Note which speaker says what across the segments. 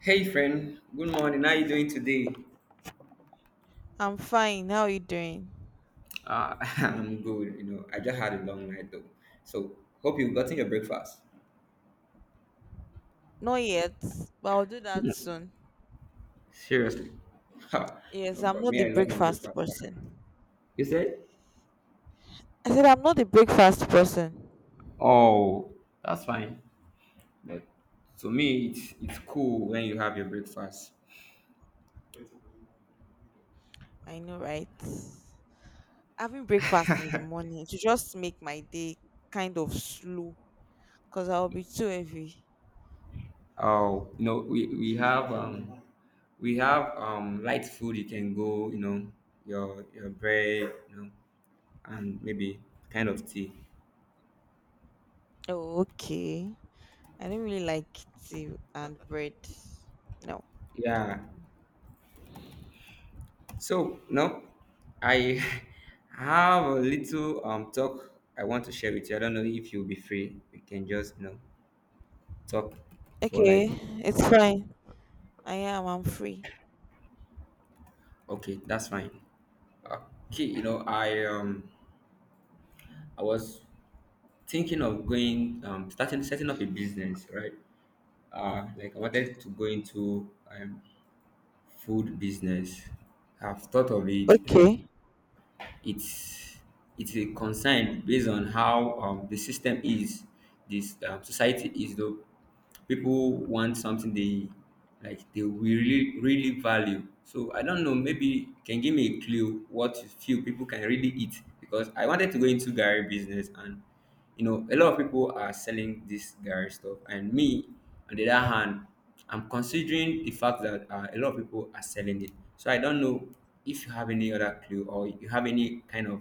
Speaker 1: Hey friend, good morning. How you doing today?
Speaker 2: I'm fine. How are you doing?
Speaker 1: I'm good. You know, I just had a long night though, so hope you've gotten your breakfast.
Speaker 2: Not yet, but I'll do that soon.
Speaker 1: Seriously. Ha,
Speaker 2: Yes,
Speaker 1: no,
Speaker 2: I'm
Speaker 1: but
Speaker 2: not
Speaker 1: me,
Speaker 2: the
Speaker 1: I love my
Speaker 2: breakfast
Speaker 1: breakfast. Ah.
Speaker 2: person.
Speaker 1: You said?
Speaker 2: I said I'm not the breakfast person.
Speaker 1: Oh, that's fine. But to me, it's cool when you have your breakfast.
Speaker 2: I know, right? Having breakfast in the morning to just make my day kind of slow because I'll be too heavy.
Speaker 1: Oh, you know, we have we have light food. You can go, you know, your bread, you know, and maybe kind of tea.
Speaker 2: Oh, okay. I don't really like tea and bread. No.
Speaker 1: Yeah. So now I have a little talk I want to share with you. I don't know if you'll be free. We can just, you know, talk for
Speaker 2: Okay,
Speaker 1: like
Speaker 2: it's fine. I am. I'm free.
Speaker 1: okay, that's fine. Okay, you know I I was thinking of going starting setting up a business, right? Like I wanted to go into food business. I've thought of it, and
Speaker 2: Okay.
Speaker 1: it's it's a concern. Based on how the system is, this society is though, people want something they like, they really value. So I don't know, maybe you can give me a clue what you feel people can really eat, because I wanted to go into gary business. And you know, a lot of people are selling this Gary stuff, and me, on the other hand, I'm considering the fact that a lot of people are selling it. So I don't know if you have any other clue, or you have any kind of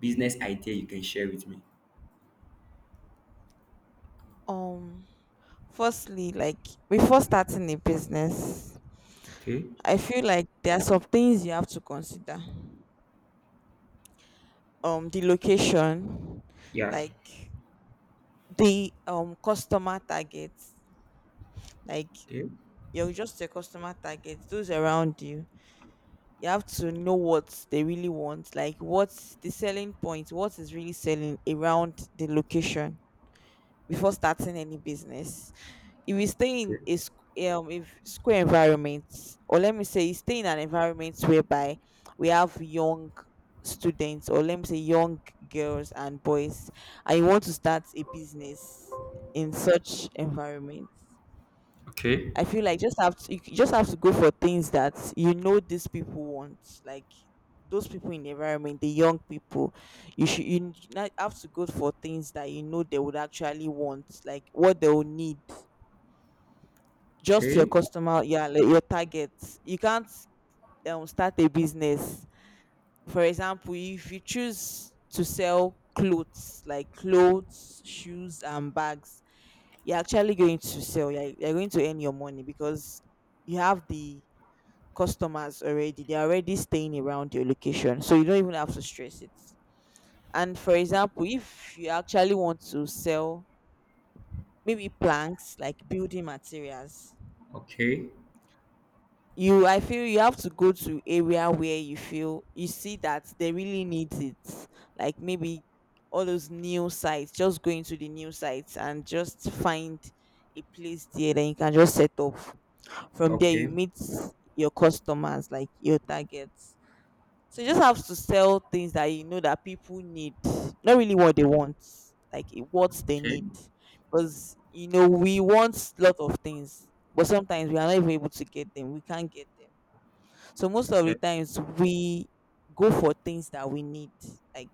Speaker 1: business idea you can share with me.
Speaker 2: Um. Firstly, like before starting a business,
Speaker 1: Okay.
Speaker 2: I feel like there are some things you have to consider. The
Speaker 1: Okay.
Speaker 2: location,
Speaker 1: Yeah.
Speaker 2: like the customer targets, like
Speaker 1: Okay.
Speaker 2: you're just a customer target, those around you. You have to know what they really want, like what's the selling point, what is really selling around the location before starting any business. If you stay in
Speaker 1: Okay.
Speaker 2: a if square environment, or let me say, you stay in an environment whereby we have young students, or let me say, young girls and boys, and you want to start a business in such environment,
Speaker 1: Okay.
Speaker 2: I feel like just have to, you just have to go for things that you know these people want, like those people in the environment, the young people. You should not have to go for things that you know they would actually want, like what they will need. Just your
Speaker 1: Okay,
Speaker 2: customer, yeah, like your target. You can't start a business. For example, if you choose to sell clothes, like clothes, shoes, and bags, you're actually going to sell. You're going to earn your money because you have the customers already, they're already staying around your location, so you don't even have to stress it. And for example, if you actually want to sell maybe planks, like building materials,
Speaker 1: okay,
Speaker 2: you, I feel you have to go to area where you feel, you see that they really need it, like maybe all those new sites. Just go into the new sites and just find a place there that you can just set up. From there you
Speaker 1: okay,
Speaker 2: meet your customers, like your targets. So you just have to sell things that you know that people need, not really what they want, like eh, what they
Speaker 1: okay,
Speaker 2: need. Because you know we want a lot of things, but sometimes we are not even able to get them. We can't get them. So most of the
Speaker 1: okay.
Speaker 2: times we go for things that we need. Like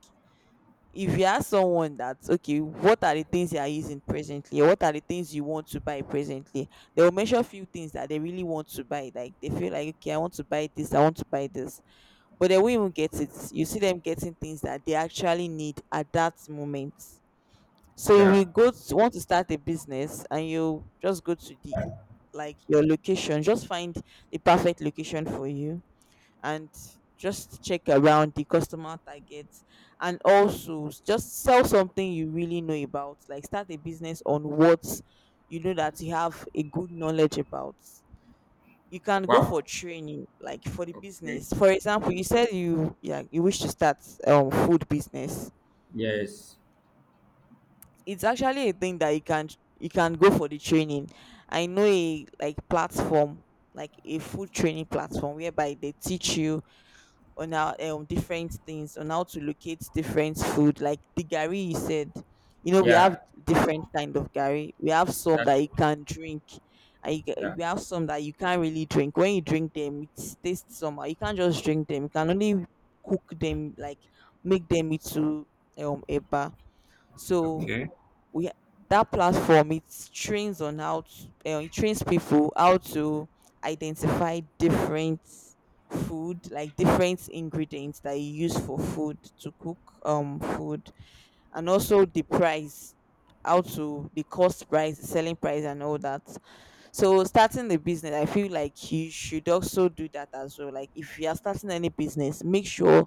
Speaker 2: if you ask someone that, okay, what are the things you are using presently? Or what are the things you want to buy presently? They will mention few things that they really want to buy. Like they feel like, okay, I want to buy this, I want to buy this, but they won't even get it. You see them getting things that they actually need at that moment. So if
Speaker 1: Yeah.
Speaker 2: you go to, want to start a business and you just go to the, like your location, just find the perfect location for you, and just check around the customer targets, and also just sell something you really know about. Like start a business on what you know that you have a good knowledge about. You can go for
Speaker 1: Wow.
Speaker 2: training, like for the
Speaker 1: Okay.
Speaker 2: business. For example, you said you, yeah, you wish to start food business.
Speaker 1: Yes.
Speaker 2: It's actually a thing that you can, you can go for the training. I know a like platform, like a food training platform whereby they teach you on how different things on how to locate different food, like the gari you said. You know we have
Speaker 1: Yeah.
Speaker 2: different kind of gari. We have some that
Speaker 1: That's
Speaker 2: you
Speaker 1: true.
Speaker 2: can drink, and you get,
Speaker 1: Yeah.
Speaker 2: we have some that you can't really drink. When you drink them, it tastes somehow. You can't just drink them. You can only cook them, like make them into eba. So
Speaker 1: Okay.
Speaker 2: we, that platform, it trains on how to, it trains people how to identify different food, like different ingredients that you use for food, to cook food, and also the price, how to, the cost price, the selling price, and all that. So starting the business, I feel like you should also do that as well. Like if you are starting any business, make sure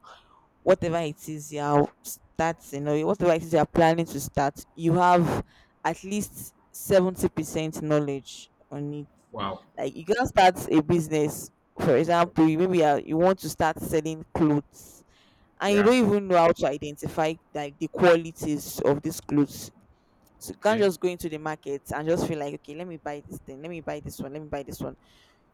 Speaker 2: whatever it is you're starting, or whatever it is you're planning to start, you have at least 70% knowledge on it.
Speaker 1: Wow.
Speaker 2: Like you can start a business, for example, you maybe are, you want to start selling clothes and you
Speaker 1: Yeah.
Speaker 2: don't even know how to identify like the qualities of these clothes. So you can't
Speaker 1: Okay.
Speaker 2: just go into the market and just feel like, okay, let me buy this thing, let me buy this one, let me buy this one.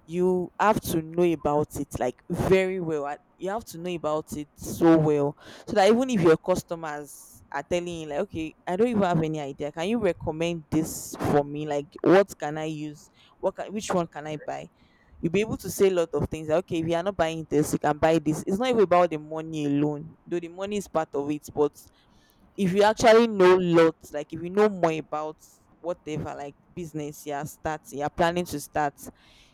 Speaker 2: You have to know about it like very well, and you have to know about it so well, so that even if your customers are telling you like, okay, I don't even have any idea, can you recommend this for me, like what can I use, which one can I buy, you'll be able to say a lot of things like, okay, if you are not buying this, you can buy this. It's not even about the money alone, though the money is part of it, but if you actually know lots, like if you know more about whatever, like business you're starting, you're planning to start,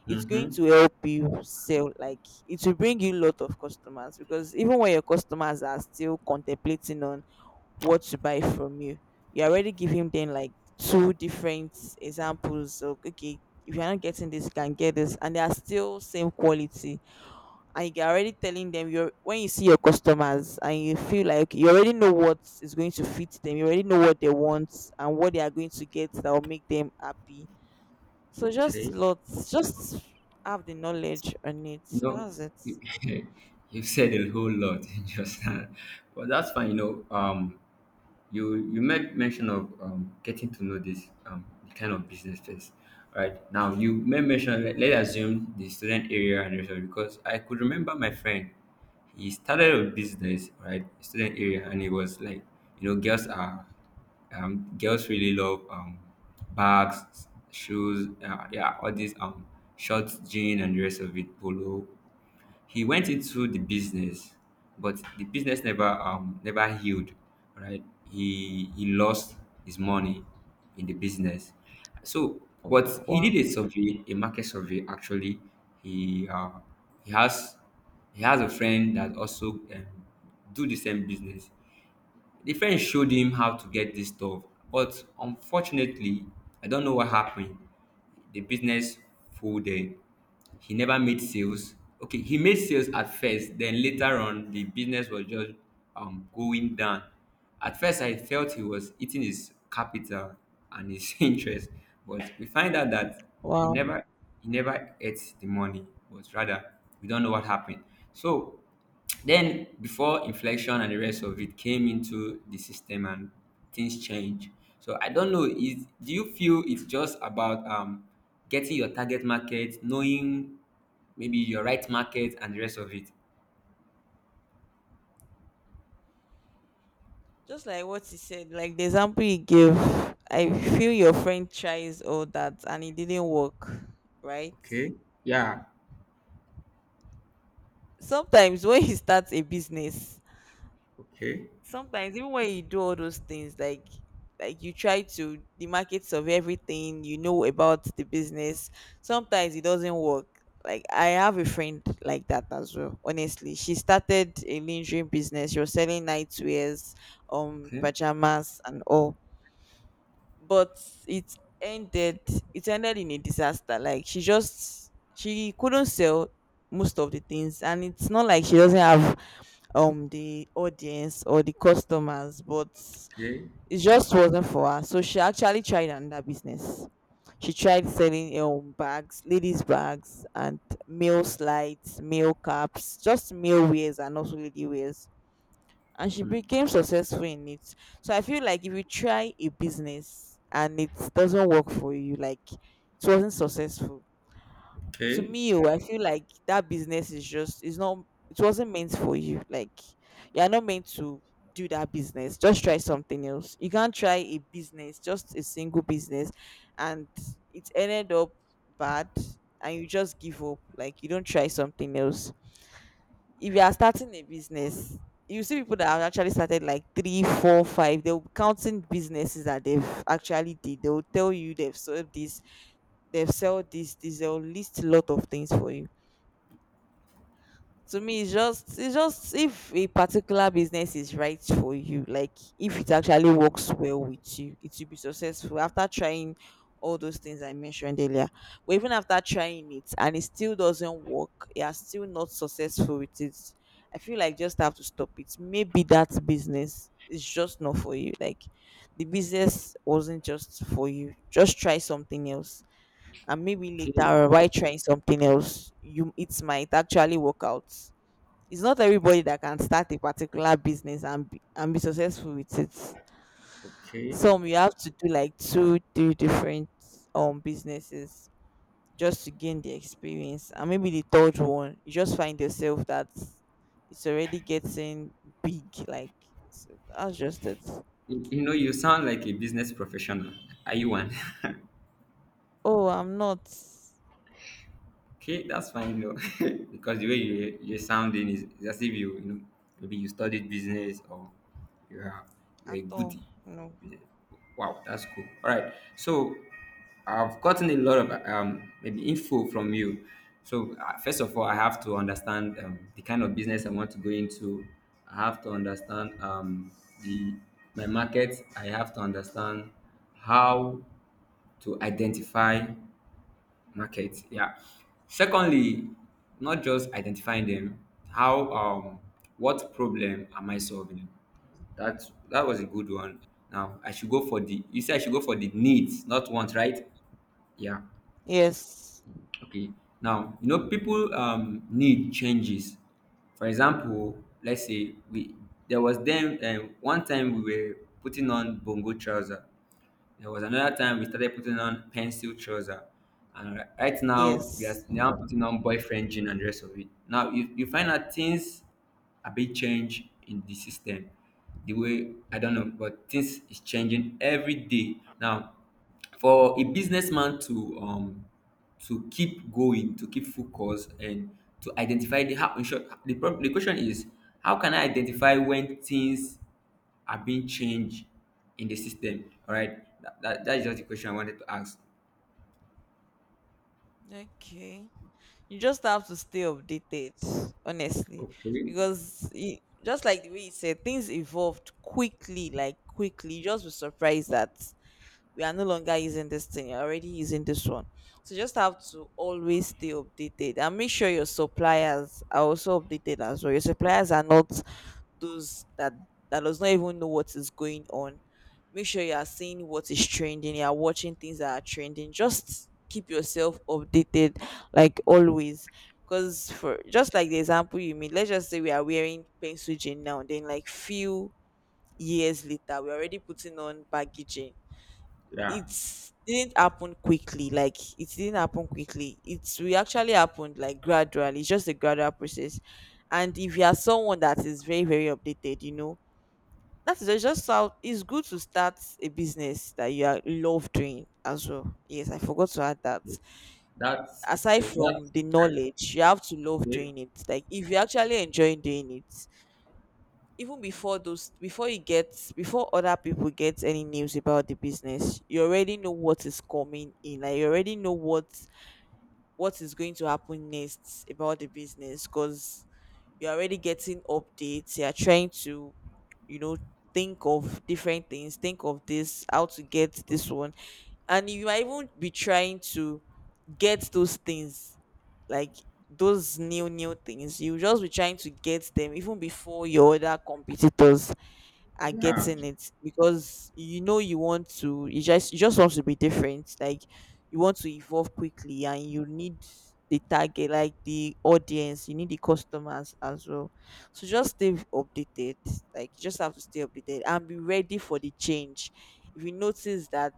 Speaker 2: it's going
Speaker 1: Mm-hmm.
Speaker 2: to help you sell. Like it will bring you a lot of customers because even when your customers are still contemplating on what to buy from you, you're already giving them like two different examples of okay, if you're not getting this, you can get this, and they are still same quality. And you're already telling them you're, when you see your customers and you feel like you already know what is going to fit them, you already know what they want and what they are going to get that will make them happy. So just
Speaker 1: Okay.
Speaker 2: lots, just have the knowledge on it.
Speaker 1: You
Speaker 2: So
Speaker 1: know,
Speaker 2: that's it.
Speaker 1: you said a whole lot in just that, but that's fine. You know, you you made mention of getting to know this the kind of business first. Right now, you made mention, let's assume the student area and rest of, because I could remember my friend. He started a business, right? Student area, and he was like, you know, girls are, girls really love, bags, shoes, yeah, all these shorts, jean and the rest of it, polo. He went into the business, but the business never never healed, right? He lost his money in the business. So, but
Speaker 2: Oh,
Speaker 1: he
Speaker 2: wow.
Speaker 1: did a survey, a market survey. Actually, he he has he has a friend that also do the same business. The friend showed him how to get this stuff, but unfortunately, I don't know what happened. The business folded. He never made sales. Okay, he made sales at first, then later on, the business was just going down. At first, I felt he was eating his capital and his interest, but we find out that he
Speaker 2: Wow.
Speaker 1: never he never ate the money, but rather we don't know what happened. So then before inflation and the rest of it came into the system, and things change. So I don't know. Is, do you feel it's just about getting your target market, knowing maybe your right market and the rest of it?
Speaker 2: Just like what he said, like the example he gave, I feel your friend tries all that and it didn't work, right?
Speaker 1: Okay. Yeah.
Speaker 2: Sometimes when you start a business,
Speaker 1: Okay.
Speaker 2: sometimes even when you do all those things, like you try to the markets of everything you know about the business, sometimes it doesn't work. Like I have a friend like that as well, honestly. She started a lingerie business. She was selling nightwears,
Speaker 1: Okay,
Speaker 2: pajamas and all, but it ended, it ended in a disaster. Like she just, she couldn't sell most of the things, and it's not like she doesn't have the audience or the customers, but
Speaker 1: Okay.
Speaker 2: it just wasn't for her. So she actually tried another business. She tried selling bags, ladies bags, and male slides, male caps, just male wears and also lady wears, and she became successful in it. So I feel like if you try a business and it doesn't work for you, like it wasn't successful, to
Speaker 1: Okay.
Speaker 2: me, oh, I feel like that business is just, it's not, it wasn't meant for you. Like you're not meant to do that business. Just try something else. You can't try a business, just a single business, and it ended up bad and you just give up. Like you don't try something else. If you are starting a business, you see people that have actually started like three, four, five, they'll be counting businesses that they've actually did. They'll tell you they've sold this, this, they'll list a lot of things for you. To me it's just, it's just, if a particular business is right for you, like if it actually works well with you, it will be successful after trying all those things I mentioned earlier. But even after trying it and it still doesn't work, you are still not successful with it, I feel like just have to stop it. Maybe that business is just not for you. Like the business wasn't just for you, just try something else. And maybe
Speaker 1: Okay.
Speaker 2: later, while trying something else, you, it might actually work out. It's not everybody that can start a particular business and be successful with it.
Speaker 1: Okay.
Speaker 2: Some you have to do like two, three different businesses just to gain the experience, and maybe the third one you just find yourself that it's already getting big. Like, so that's just it.
Speaker 1: You know, you sound like a business professional. Are you one?
Speaker 2: Oh, I'm not
Speaker 1: Okay, that's fine, you know, because the way you you're sounding is as if you, you know, maybe you studied business, or you are, you're a
Speaker 2: at all.
Speaker 1: goodie.
Speaker 2: No.
Speaker 1: Yeah. Wow, that's cool. All right, so I've gotten a lot of maybe info from you. So first of all, I have to understand the kind of business I want to go into. I have to understand the my market. I have to understand how to identify market, yeah. Secondly, not just identifying them, how what problem am I solving? That, that was a good one. Now I should go for the, you say I should go for the needs, not wants, right? Yeah.
Speaker 2: Yes.
Speaker 1: Okay. Now, you know, people need changes. For example, let's say we, there was then one time we were putting on bongo trouser. There was another time we started putting on pencil trouser. And right now we are
Speaker 2: Yes.
Speaker 1: now putting on boyfriend jean and the rest of it. Now you find out things, a big change in the system. The way, I don't know, but things is changing every day. Now for a businessman to keep going, to keep focused, and to identify the how, in short the problem, the question is, how can I identify when things are being changed in the system? All right, that is just the question I wanted to ask.
Speaker 2: Okay. You just have to stay updated, honestly,
Speaker 1: Okay.
Speaker 2: because just like the way you said, things evolved quickly, like quickly. You just be surprised that we are no longer using this thing, you're already using this one. So just have to always stay updated and make sure your suppliers are also updated as well. Your suppliers are not those that does not even know what is going on. Make sure you are seeing what is trending, you are watching things that are trending, just keep yourself updated, like always. Because for just like the example you made, let's just say we are wearing pencil jean now, then like few years later we're already putting on baggy jean.
Speaker 1: Yeah.
Speaker 2: It didn't happen quickly, like it didn't happen quickly. It's we actually happened like gradually, it's just a gradual process. And if you are someone that is very very updated, you know, that is just how it's good to start a business that you are love doing as well. Yes, I forgot to add that.
Speaker 1: That's
Speaker 2: Aside
Speaker 1: okay,
Speaker 2: from
Speaker 1: that's
Speaker 2: the knowledge, you have to love
Speaker 1: okay.
Speaker 2: doing it, like if you actually enjoy doing it. Even before those Before you get, before other people get any news about the business, you already know what is coming in. Like you already know what is going to happen next about the business, because you're already getting updates. You're trying to, you know think of different things, think of this, how to get this one. And you might even be trying to get those things, like those new new things. You just be trying to get them even before your other competitors are
Speaker 1: Yeah.
Speaker 2: getting it, because you know you want to you just want to be different, like you want to evolve quickly. And you need the target, like the audience, you need the customers as well. So just stay updated, like you just have to stay updated and be ready for the change. If you notice that,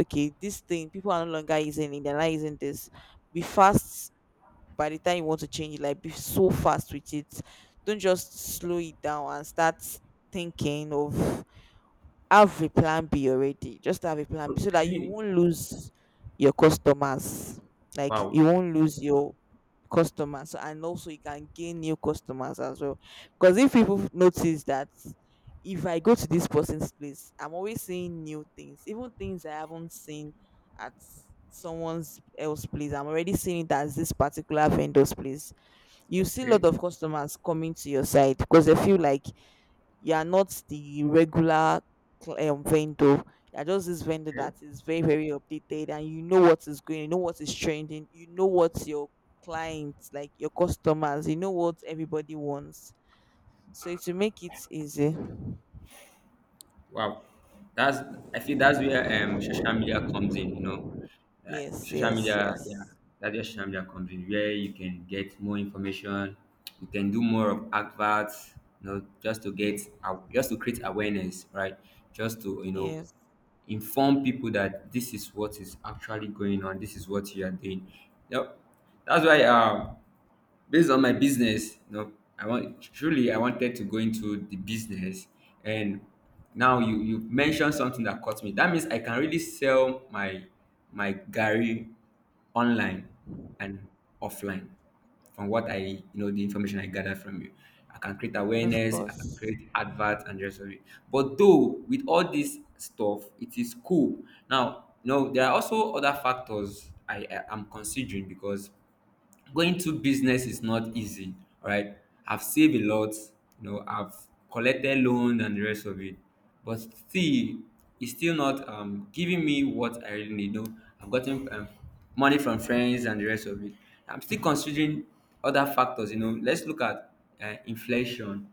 Speaker 2: okay, this thing people are no longer using it, they're not using this, be fast. By the time you want to change it, like be so fast with it. Don't just slow it down and start thinking of, have a plan B already, just have a plan B so that you
Speaker 1: Okay.
Speaker 2: won't lose your customers. Like you
Speaker 1: Wow.
Speaker 2: won't lose your customers. And also you can gain new customers as well, because if people notice that, if I go to this person's place, I'm always seeing new things, even things I haven't seen at someone's else place, I'm already seeing it as this particular vendor's place. You see a lot
Speaker 1: Okay.
Speaker 2: of customers coming to your site because they feel like you are not the regular vendor. You are just this vendor that is very, very updated, and you know what is going, you know what is trending, you know what your clients, like your customers, you know what everybody wants. So to make it easy.
Speaker 1: Wow, that's, I feel that's where social media comes in. You know, like
Speaker 2: Yes,
Speaker 1: social
Speaker 2: yes,
Speaker 1: media, yeah,
Speaker 2: yes.
Speaker 1: that's where social media comes in, where you can get more information, you can do more of adverts, you know, just to get out, just to create awareness, right? Just to, you know,
Speaker 2: Yes,
Speaker 1: inform people that this is what is actually going on, this is what you are doing. Yep, that's why based on my business, you know, I want, truly I wanted to go into the business. And now you mentioned something that caught me. That means I can really sell my my gary online and offline. From what I, you know, the information I gathered from you, I can create
Speaker 2: of
Speaker 1: awareness, I can
Speaker 2: course.
Speaker 1: create adverts and the rest of it. But though with all this stuff, it is cool. Now, you know, there are also other factors I I'm considering, because going to business is not easy. All right, I've saved a lot, you know, I've collected loan and the rest of it, but still it's still not giving me what I really need. No, I've gotten money from friends and the rest of it. I'm still considering other factors, you know. Let's look at inflation.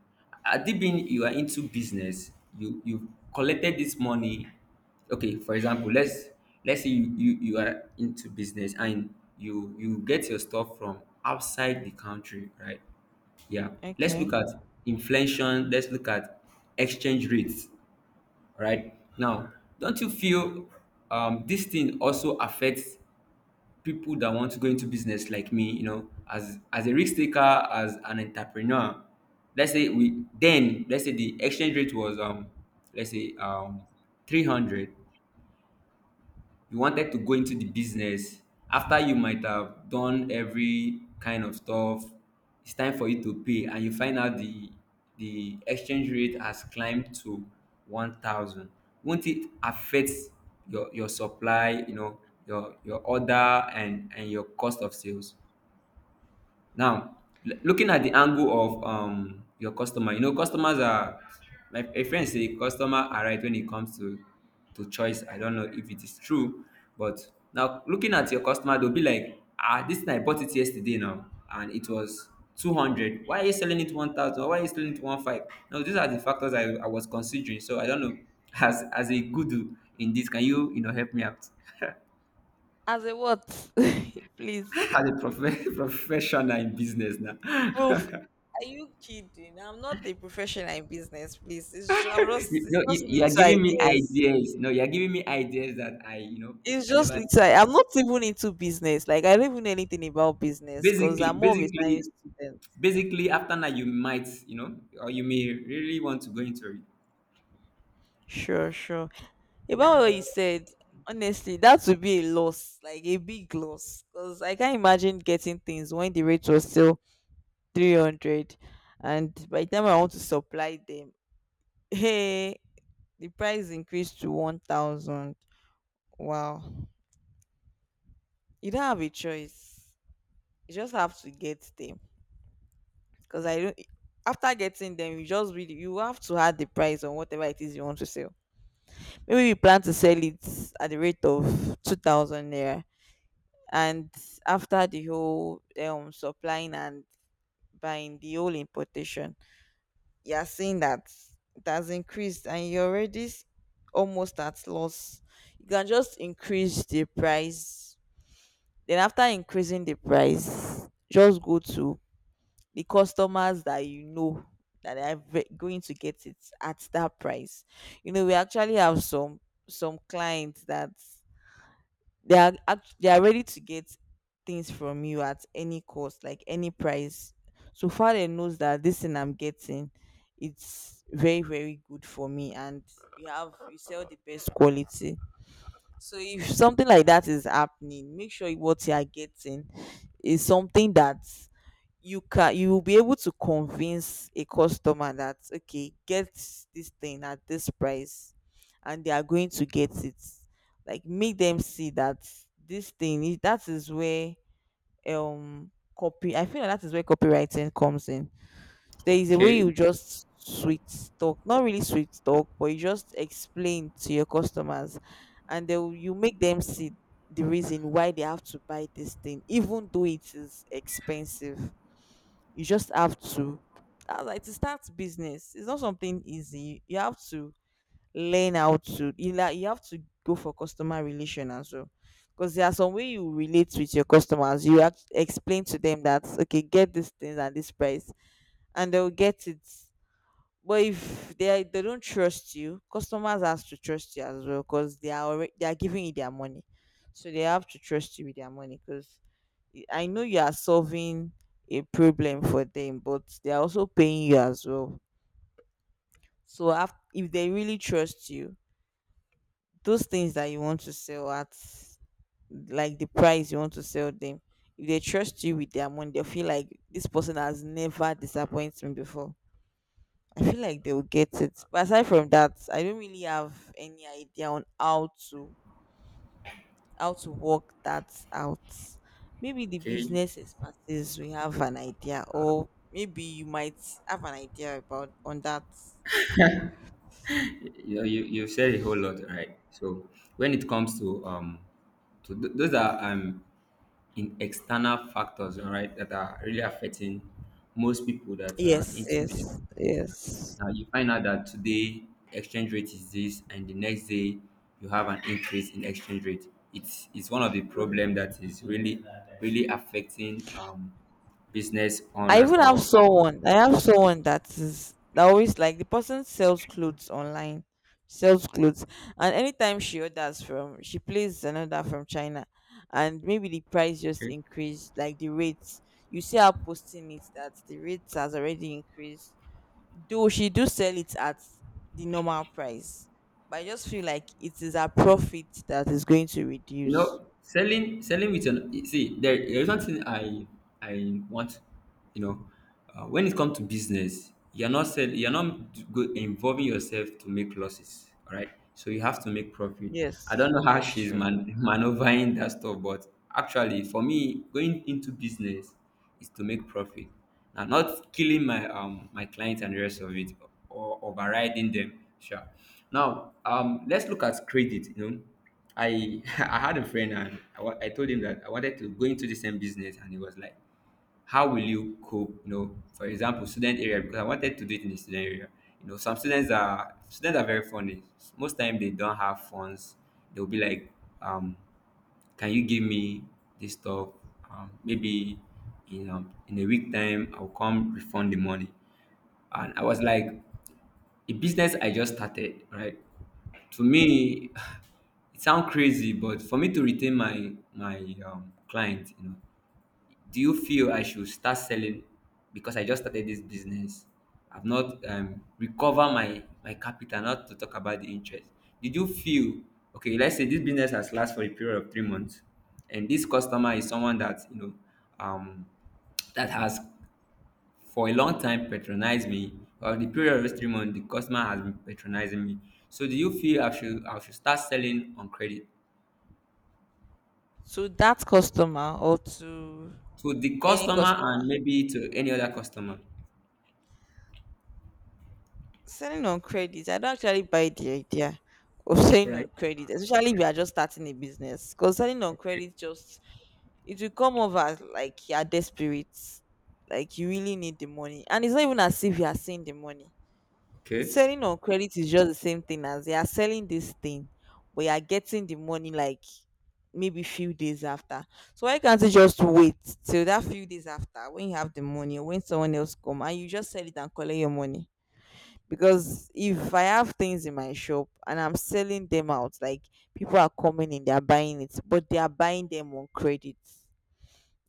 Speaker 1: At the been you are into business, you collected this money. Okay, for example, let's say you, you you are into business, and you get your stuff from outside the country, right? Yeah. Let's look
Speaker 2: Okay.
Speaker 1: at inflation, let's look at exchange rates right now. Don't you feel this thing also affects people that want to go into business like me? You know, as a risk taker, as an entrepreneur, let's say we then, let's say the exchange rate was let's say 300. You wanted to go into the business. After you might have done every kind of stuff, it's time for you to pay, and you find out the exchange rate has climbed to 1000. Won't it affect your supply, you know, your order, and your cost of sales? Now, looking at the angle of your customer, you know, customers are, my a friend say customer are right when it comes to choice. I don't know if it is true, but now looking at your customer, they'll be like, ah, this thing I bought it yesterday now, and it was 200. Why are you selling it 1,000? Why are you selling it one five? Now these are the factors I was considering. So I don't know. As a guru in this, can you, you know, help me out?
Speaker 2: As a what? Please.
Speaker 1: As a professional in business now.
Speaker 2: Proof. Are you kidding? I'm not a professional in business, please. I'm just,
Speaker 1: You, no,
Speaker 2: it's
Speaker 1: you,
Speaker 2: just
Speaker 1: you are
Speaker 2: little
Speaker 1: giving me
Speaker 2: ideas.
Speaker 1: ideas. No, you are giving me ideas that I, you know,
Speaker 2: It's
Speaker 1: I
Speaker 2: just
Speaker 1: never.
Speaker 2: little. I'm not even into business. Like I don't even know anything about business because
Speaker 1: Basically,
Speaker 2: I'm more of a
Speaker 1: basically,
Speaker 2: science student.
Speaker 1: basically, after that, you might, you know, or you may really want to go into it.
Speaker 2: Sure, sure. About what you
Speaker 1: Yeah.
Speaker 2: said, honestly, that would be a loss, like a big loss, because I can't imagine getting things when the rate was still 300, and by the time I want to supply them, hey, the price increased to 1,000. Wow, you don't have a choice. You just have to get them. Because I don't. After getting them, you just really, you have to add the price on whatever it is you want to sell. Maybe you plan to sell it at the rate of 2,000 naira, and after the whole supplying and buying, the whole importation, you are seeing that it has increased, and almost at loss. You can just increase the price. Then after increasing the price, just go to the customers that you know that are going to get it at that price. You know, we actually have some clients that they are ready to get things from you at any cost, like any price. So far, they knows that this thing I'm getting, it's very very good for me, and you have, you sell the best quality. So if something like that is happening, make sure what you are getting is something that you can, you will be able to convince a customer that okay, get this thing at this price, and they are going to get it. Like make them see that that is where um copy I feel like that is where copywriting comes in. There is a way
Speaker 1: Okay.
Speaker 2: you just sweet talk, not really sweet talk, but you just explain to your customers, and you make them see the reason why they have to buy this thing even though it is expensive. You just have to, like to start business, it's not something easy. You have to learn how to like, you have to go for customer relation as well, because there are some way you relate with your customers. You have to explain to them that okay, get this thing at this price, and they'll get it. But if they are, they don't trust you, customers has to trust you as well, because they are already, they are giving you their money, so they have to trust you with their money. Because I know you are solving a problem for them, but they are also paying you as well. So if they really trust you, those things that you want to sell at, like the price you want to sell them, if they trust you with their money, they feel like this person has never disappointed me before. I feel like they will get it. But aside from that, I don't really have any idea on how to, how to work that out. Maybe the
Speaker 1: Okay.
Speaker 2: business expertise we have an idea, or maybe you might have an idea about on that.
Speaker 1: You know, you said a whole lot, right? So when it comes to those are in external factors, all right, that are really affecting most people that are
Speaker 2: Yes,
Speaker 1: into business.
Speaker 2: yes, yes.
Speaker 1: Now you find out that today exchange rate is this, and the next day you have an increase in exchange rate. It's one of the problem that is really really affecting business
Speaker 2: I
Speaker 1: owners
Speaker 2: even have
Speaker 1: or
Speaker 2: someone. I have someone that is that always, like the person sells clothes online, sells clothes, and anytime she orders from, she plays another from China, and maybe the price just
Speaker 1: okay?
Speaker 2: increased, like the rates. You see her posting it that the rates has already increased. Though she do sell it at the normal price, but I just feel like it is her profit that is going to
Speaker 1: You
Speaker 2: reduce.
Speaker 1: know, selling with an see, there is one thing I want. You know, when it comes to business, you're not sell, you're not go, involving yourself to make losses. All right, so you have to make profit. I
Speaker 2: Yes,
Speaker 1: don't know how
Speaker 2: yes,
Speaker 1: she's
Speaker 2: sure.
Speaker 1: man, maneuvering that stuff, but actually for me, going into business is to make profit. Now, not killing my my clients and the rest of it, or overriding them. Sure. Now, let's look at credit. You know, I I had a friend, and I, I told him that I wanted to go into the same business, and he was like, how will you cope? You know, for example, student area, because I wanted to do it in the student area. You know, some students are very funny. Most time they don't have funds. They'll be like, um, can you give me this stuff? Maybe in a week time I'll come refund the money. And I was like, a business I just started, right? To me, it sounds crazy, but for me to retain my client, do you feel I should start selling because I just started this business? I've not recovered my my capital. Not to talk about the interest. Did you feel okay? Let's say this business has lasted for a period of 3 months, and this customer is someone that you know um, that has for a long time patronized me. Or the period of those 3 months, the customer has been patronizing me. So do you feel I should start selling on credit
Speaker 2: To that customer or to
Speaker 1: to the
Speaker 2: any
Speaker 1: customer
Speaker 2: customer.
Speaker 1: and maybe to any other customer?
Speaker 2: Selling on credit, I don't actually buy the idea of selling on
Speaker 1: Right?
Speaker 2: credit, especially if you are just starting a business. Because selling on credit just, it will come over like you are desperate, like you really need the money, and it's not even as if you are seeing the money.
Speaker 1: Okay.
Speaker 2: Selling on credit is just the same thing as you are selling this thing, but you are getting the money like maybe few days after. So why can't you just wait till that few days after when you have the money, or when someone else come and you just sell it and collect your money? Because if I have things in my shop and I'm selling them out, like people are coming in, they're buying it, but they are buying them on credit.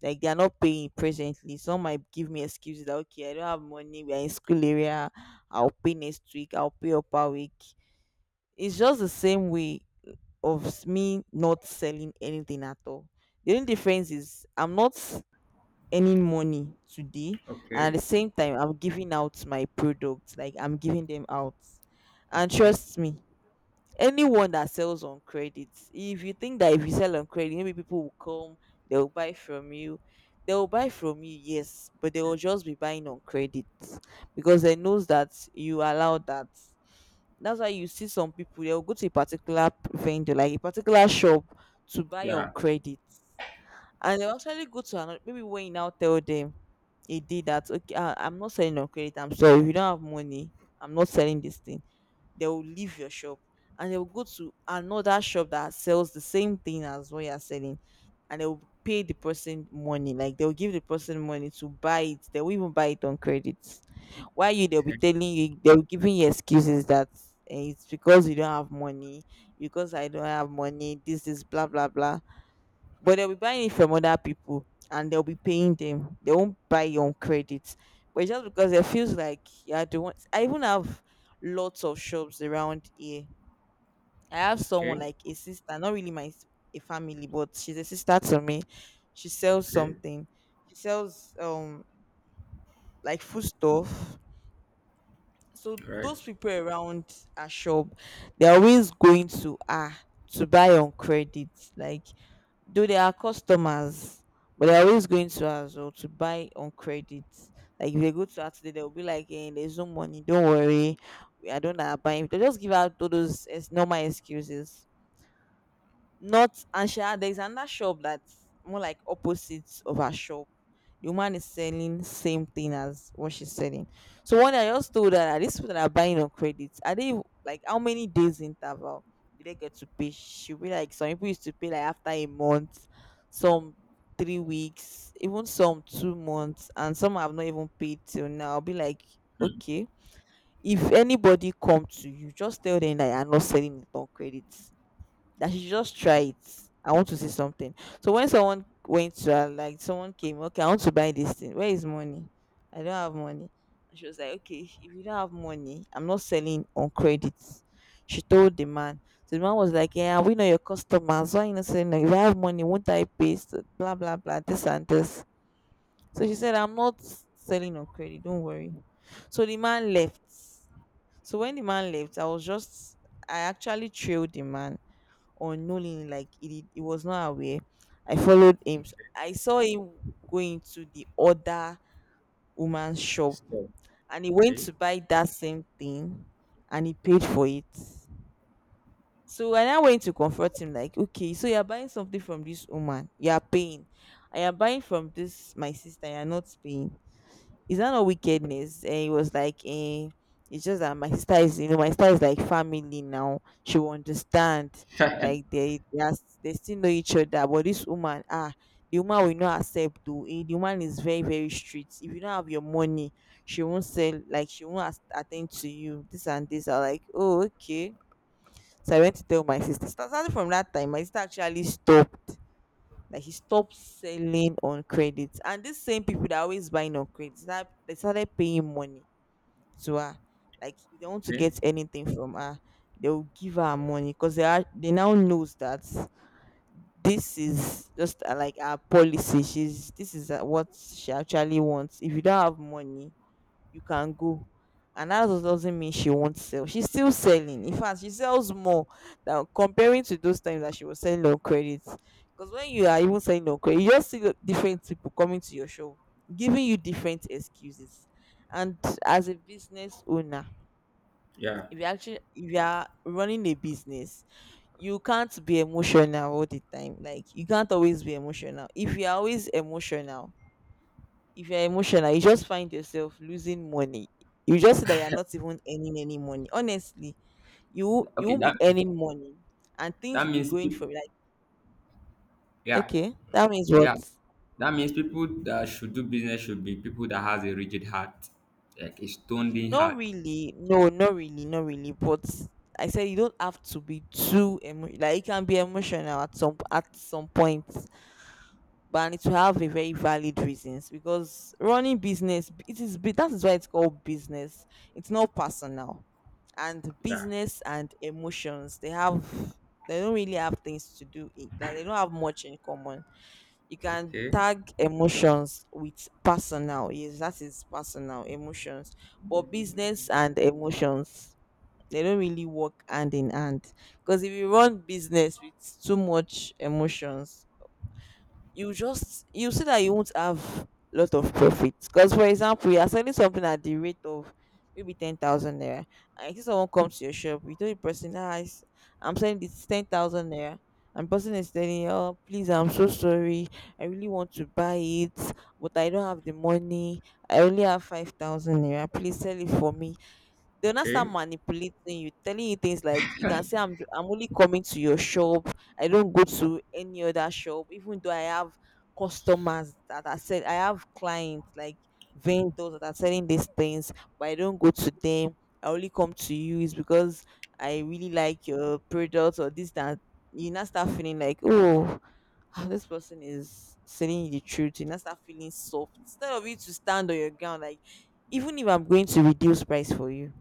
Speaker 2: Like they are not paying presently. Some might give me excuses that okay, I don't have money, we are in school area, I'll pay next week, I'll pay upper week. It's just the same way of me not selling anything at all. The only difference is I'm not earning money today, and at
Speaker 1: Okay,
Speaker 2: the same time I'm giving out my products, like I'm giving them out. And
Speaker 1: okay,
Speaker 2: trust me, anyone that sells on credit, if you think that if you sell on credit maybe people will come, they'll buy from you, they'll buy from you, yes, but they will just be buying on credit because they knows that you allow that. That's why you see some people, they'll go to a particular vendor, like a particular shop, to buy on
Speaker 1: yeah,
Speaker 2: credit, and they'll actually go to another. Maybe when you now tell them he did that, okay, I'm not selling on credit, I'm sorry, if you don't have money I'm not selling this thing, they will leave your shop and they will go to another shop that sells the same thing as what you're selling, and they will pay the person money, like they'll give the person money to buy it, they will even buy it on credit. Why you, they'll be
Speaker 1: okay,
Speaker 2: telling you, they'll giving you excuses that eh, it's because you don't have money, because I don't have money, this is blah blah blah, but they'll be buying it from other people and they'll be paying them. They won't buy you on credit, but it's just because it feels like yeah, the one. I even have lots of shops around here. I have
Speaker 1: okay,
Speaker 2: someone like a sister, not really my a family, but she's a sister to me. She sells
Speaker 1: okay,
Speaker 2: something. She sells like food stuff. So
Speaker 1: all right,
Speaker 2: those people around our shop, they're always going to buy on credit, like, though they are customers, but they're always going to us or to buy on credit. Like if they go to us today, they'll be like, hey, there's no money, don't worry. I don't know, buy. They just give out all those normal excuses. Not and she had there's another shop that's more like opposite of her shop. The woman is selling same thing as what she's selling. So one day I just told her that these people that are buying on credit, are they, like, how many days interval do they get to pay? She'll be like, some people used to pay like after a month, some 3 weeks, even some 2 months, and some have not even paid till now. I'll be like,
Speaker 1: hmm,
Speaker 2: okay. If anybody come to you, just tell them that you are not selling it on credit, that she should just
Speaker 1: okay,
Speaker 2: try it. I want to see something. So when someone went to her, like, someone came, okay, I want to buy this thing. Where is money? I don't have money. And she was like, okay, if you don't have money, I'm not selling on credit. She told the man. So the man was like, yeah, we know your customers. Why you not selling? If I have money, won't I pay? So blah blah blah. This and this. So she said, I'm not selling on credit. Don't worry. So the man left. So when the man left, I was just I actually trailed the man unknowingly, like he did, he was not aware. I followed him. So I saw him going to the other woman's shop,
Speaker 1: so,
Speaker 2: and he went
Speaker 1: okay,
Speaker 2: to buy that same thing, and he paid for it. So when I now went to confront him, like, okay, so you're buying something from this woman, you're paying. I am buying from this my sister, you're not paying. It's not a wickedness. And it was like, it's just that my sister is like family now. She will understand. Like they still know each other. But this woman, the woman will not accept though. The woman is very, very strict. If you don't have your money, she won't sell, like, she won't attend to you. This and this. I like, oh, okay. So I went to tell my sister. So, starting from that time, my sister actually stopped. Like, he stopped selling on credit. And these same people that are always buying on credit, that they started paying money to her. Like, if they want to
Speaker 1: okay,
Speaker 2: get anything from her, they will give her money, because they now knows that this is just like our policy. She's This is what she actually wants. If you don't have money, you can go, and that doesn't mean she won't sell. She's still selling. In fact, she sells more than comparing to those times that she was selling on credit, because when you are even selling on credit, you just see the different people coming to your show giving you different excuses. And as a business owner,
Speaker 1: yeah,
Speaker 2: if you are running a business, you can't be emotional all the time. Like, you can't always be emotional. If you're always emotional, if you're emotional, you just find yourself losing money. You just see that you're not even earning any money. Honestly, you
Speaker 1: okay,
Speaker 2: won't be
Speaker 1: that
Speaker 2: earning money, and things
Speaker 1: that
Speaker 2: will be
Speaker 1: means
Speaker 2: going
Speaker 1: people,
Speaker 2: from, like,
Speaker 1: yeah,
Speaker 2: okay. That means
Speaker 1: yeah,
Speaker 2: what?
Speaker 1: that means people that should do business should be people that has a rigid heart, like a stoned in
Speaker 2: Not
Speaker 1: heart,
Speaker 2: really, no, not really, not really. But I said you don't have to be like, you can be emotional at some point, but and it will have a very valid reasons, because running business, it is that is why it's called business. It's not personal. And
Speaker 1: yeah,
Speaker 2: business and emotions, they don't really have things to do in, like, they don't have much in common. You can
Speaker 1: okay,
Speaker 2: tag emotions with personal, yes, that is personal emotions. But business and emotions, they don't really work hand in hand, because if you run business with too much emotions, you see that you won't have lot of profits. Because, for example, you are selling something at the rate of maybe 10,000 naira, and you see someone comes to your shop, you tell the person, I'm selling this 10,000 naira, and person is telling you, oh please, I'm so sorry, I really want to buy it, but I don't have the money, I only have 5,000 naira, please sell it for me. They'll not start
Speaker 1: okay,
Speaker 2: manipulating you, telling you things like, you can say, I'm I'm only coming to your shop. I don't go to any other shop, even though I have customers that are said I have clients, like vendors that are selling these things, but I don't go to them. I only come to you is because I really like your product or this that. You now start feeling like, oh, this person is selling you the truth. You now start feeling soft, instead of you to stand on your ground. Like, even if I'm going to reduce price for you,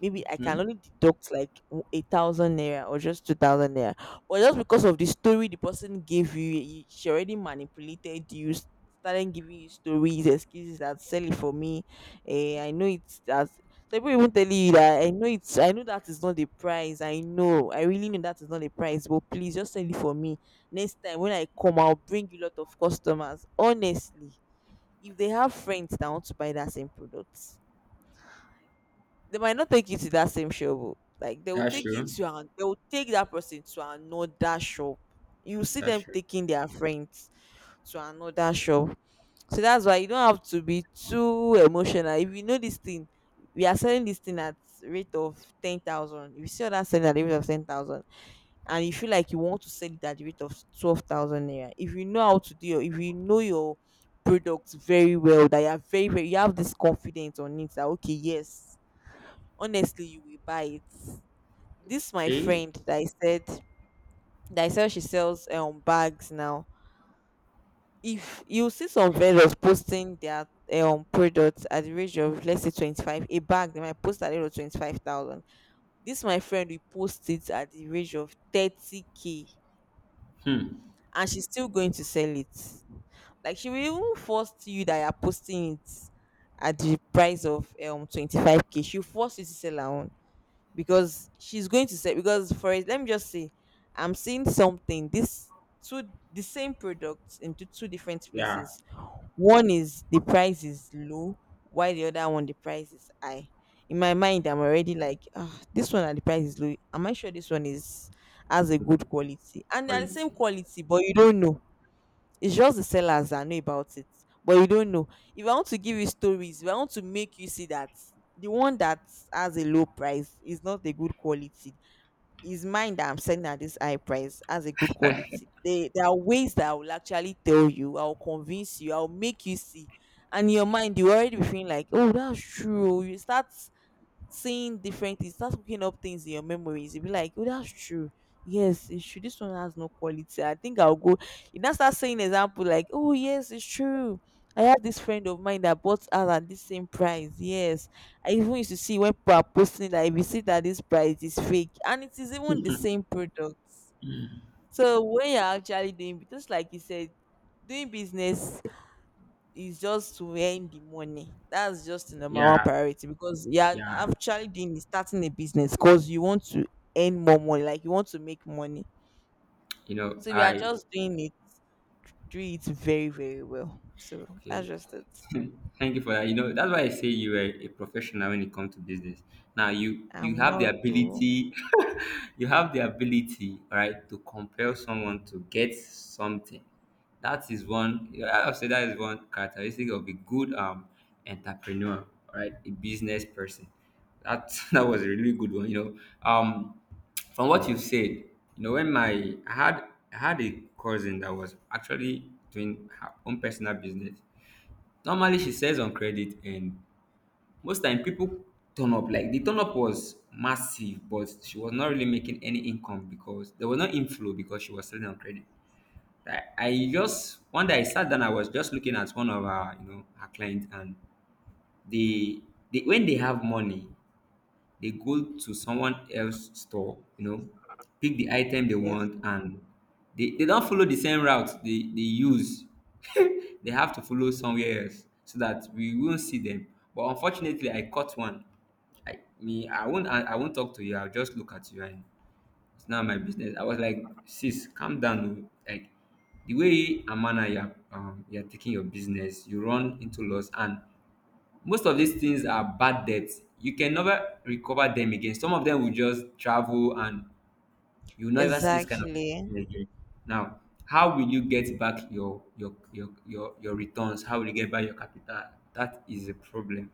Speaker 2: maybe I
Speaker 1: hmm,
Speaker 2: can only deduct like a thousand naira or just 2,000 naira. But just because of the story the person gave you, she already manipulated you, started giving you stories, excuses that sell it for me. I know it's that some people even tell you that I know that is not the price. I really know that is not the price, but please just sell it for me. Next time when I come, I'll bring you a lot of customers. Honestly, if they have friends that want to buy that same product, they might not take you to that same shop. Oh. Like, they will
Speaker 1: that's
Speaker 2: take you
Speaker 1: true,
Speaker 2: to an, they will take that person to another shop. You see
Speaker 1: that's
Speaker 2: them
Speaker 1: true,
Speaker 2: taking their friends to another shop. So that's why you don't have to be too emotional. If you know this thing, we are selling this thing at rate of 10,000. If you see that selling at the rate of 10,000, and you feel like you want to sell it at the rate of 12,000 naira, if you know how to do your, if you know your product very well, that you are very, very, you have this confidence on it that, okay, yes, honestly you will buy it. This my
Speaker 1: okay,
Speaker 2: friend that I said she sells bags. Now, if you see some vendors posting their products at the range of, let's say, 25 a bag, they might post at the rate of 25,000. This my friend we post it at the range of 30k,
Speaker 1: hmm,
Speaker 2: and she's still going to sell it. Like, she will even force you that you're posting it at the price of 25k, she'll force you to sell her own. Because she's going to say, because for it, let me just say, I'm seeing something, this two, the same product into two different
Speaker 1: yeah,
Speaker 2: places. One is the price is low, while the other one the price is high. In my mind, I'm already like, this one at the price is low, am I sure this one is has a
Speaker 1: good
Speaker 2: good quality? And they are the
Speaker 1: quality,
Speaker 2: same quality, but you don't know. It's just the sellers that know about it, but you don't know. If I want to give you stories, if I want to make you see that the one that has a low price is not a good quality, is mine that I'm selling at this high price has a good quality. There are ways that I will actually tell you, I'll convince you, I'll make you see. And in your mind, you already be feeling like, oh, that's true. You start seeing different things, start hooking up things in your memories. You'll be like, oh, that's true. Yes, it's true. This one has no quality. I think I'll go. You now start saying example like, oh, yes, it's true. I have this friend of mine that bought us at this same price. Yes. I even used to see when people are posting that, if you see that this price is fake, and it is even the same product. So when you're actually doing, just like you said, doing business is just to earn the money. That's just the number one
Speaker 1: yeah,
Speaker 2: priority, because you are
Speaker 1: yeah,
Speaker 2: actually doing is starting a business because you want to earn more money, like you want to make money.
Speaker 1: you know,
Speaker 2: So we are
Speaker 1: I,
Speaker 2: just doing it, do it very, very well. So that's
Speaker 1: okay,
Speaker 2: just it.
Speaker 1: thank you for that. You know, that's why I say you are a professional when it comes to business. Now you
Speaker 2: I'm
Speaker 1: have the
Speaker 2: not too.
Speaker 1: ability, you have the ability, all right, to compel someone to get something. That is one. I'll say that is one characteristic of a good entrepreneur, all right, a business person. That that was a really good one. You know, from what you've said, you know, when my I had a cousin that was actually doing her own personal business. Normally she sells on credit, and most time people turn up, like the turn up was massive, but she was not really making any income because there was no inflow because she was selling on credit. I just one day I sat down, I was just looking at one of her, you know, her clients, and they, they when they have money they go to someone else's store, you know, pick the item they
Speaker 2: Yes.
Speaker 1: want, and they don't follow the same route they use. They have to follow somewhere else so that we won't see them. But unfortunately, I caught one. I me, I won't talk to you. I'll just look at you, and it's not my business. I was like, sis, calm down. Oh. Like the way Amana, you're taking your business, you run into loss, and most of these things are bad debts. You can never recover them again. Some of them will just travel and you'll never see this kind of
Speaker 2: Exactly.
Speaker 1: thing again. Now, how will you get back your returns? How will you get back your capital? That is a problem.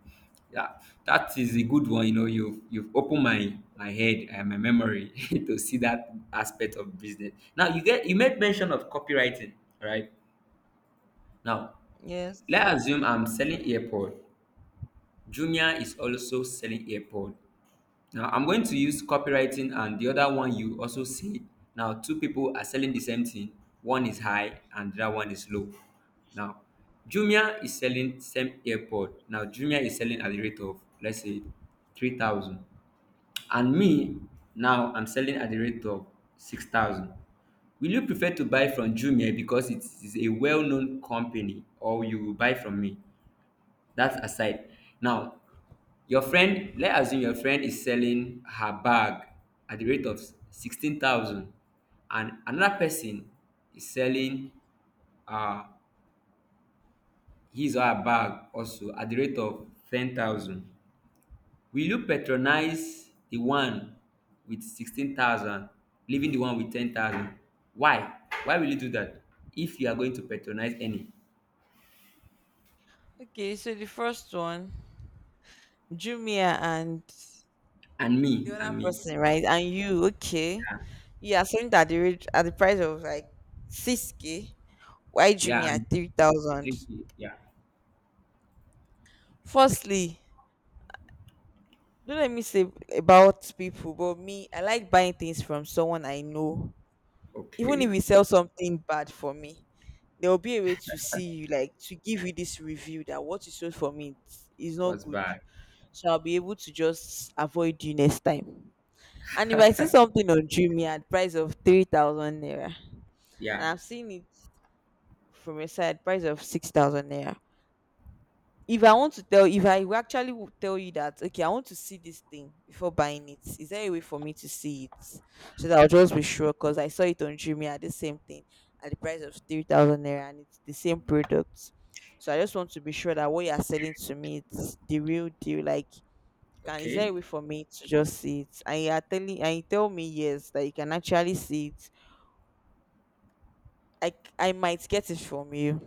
Speaker 1: Yeah, that is a good one. You know, you've opened my my head and my memory to see that aspect of business. Now you made mention of copywriting, right? Now
Speaker 2: Yes.
Speaker 1: let's assume I'm selling earpod. Jumia is also selling AirPod. Now I'm going to use copywriting, and the other one you also see. Now two people are selling the same thing. One is high and the other one is low. Now Jumia is selling same AirPod. Now Jumia is selling at the rate of let's say 3,000. And me now I'm selling at the rate of 6,000. Will you prefer to buy from Jumia because it is a well-known company or you will buy from me? That aside. Now, your friend, let's assume your friend is selling her bag at the rate of 16,000, and another person is selling uh, his or her bag also at the rate of 10,000. Will you patronize the one with 16,000, leaving the one with 10,000? Why? Why will you do that if you are going to patronize any?
Speaker 2: Okay, so the first one, Jumia and
Speaker 1: And
Speaker 2: the
Speaker 1: me, and
Speaker 2: other
Speaker 1: me.
Speaker 2: person, right? And you, okay, you are selling at the rate, at the price of like 6k. Why do
Speaker 1: Yeah,
Speaker 2: me
Speaker 1: and
Speaker 2: at 3,000?
Speaker 1: three K. Yeah.
Speaker 2: Firstly, don't let me say about people, but me, I like buying things from someone I know. Even
Speaker 1: Okay.
Speaker 2: if you sell something bad for me, there will be a way to see you, like to give you this review that what you sold for me is not
Speaker 1: What's
Speaker 2: good.
Speaker 1: bad?
Speaker 2: So I'll be able to just avoid you next time. And if I see something on Jumia at price of 3,000 naira, and
Speaker 1: Yeah.
Speaker 2: I'm seeing it from a side price of 6,000 naira. If I want to tell, if I will actually tell you that, okay, I want to see this thing before buying it. Is there a way for me to see it so that I'll just be sure? Because I saw it on Jumia, the same thing at the price of 3,000 naira, and it's the same product. So I just want to be sure that what you are selling to me it's the real deal. Like, can is there a
Speaker 1: Okay.
Speaker 2: way for me to just see it? And you are telling, and you tell me yes that you can actually see it. I might get it from you,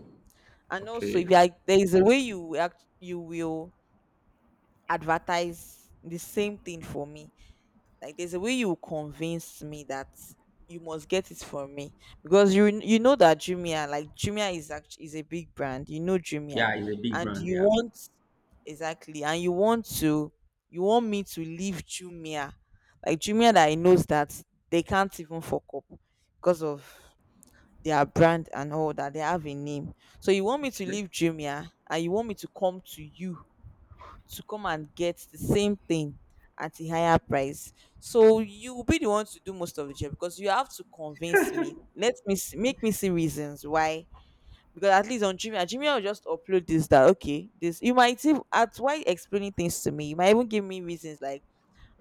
Speaker 2: and also
Speaker 1: Okay.
Speaker 2: if you are, there is a way you will advertise the same thing for me, like there's a way you convince me that you must get it from me, because you know that Jumia, like Jumia is actually is a big brand, you know Jumia,
Speaker 1: Yeah, it's a big
Speaker 2: and
Speaker 1: brand.
Speaker 2: you
Speaker 1: Yeah.
Speaker 2: want, exactly, and you want to, you want me to leave Jumia, like Jumia that I knows that they can't even fuck up because of their brand, and all that, they have a name. So you want me to
Speaker 1: Okay.
Speaker 2: leave Jumia and you want me to come to you, to come and get the same thing at a higher price. So you will be the one to do most of the job, because you have to convince me, let me see, make me see reasons why, because at least on Jumia, Jumia will just upload this that okay, this, you might even at why explaining things to me, you might even give me reasons like,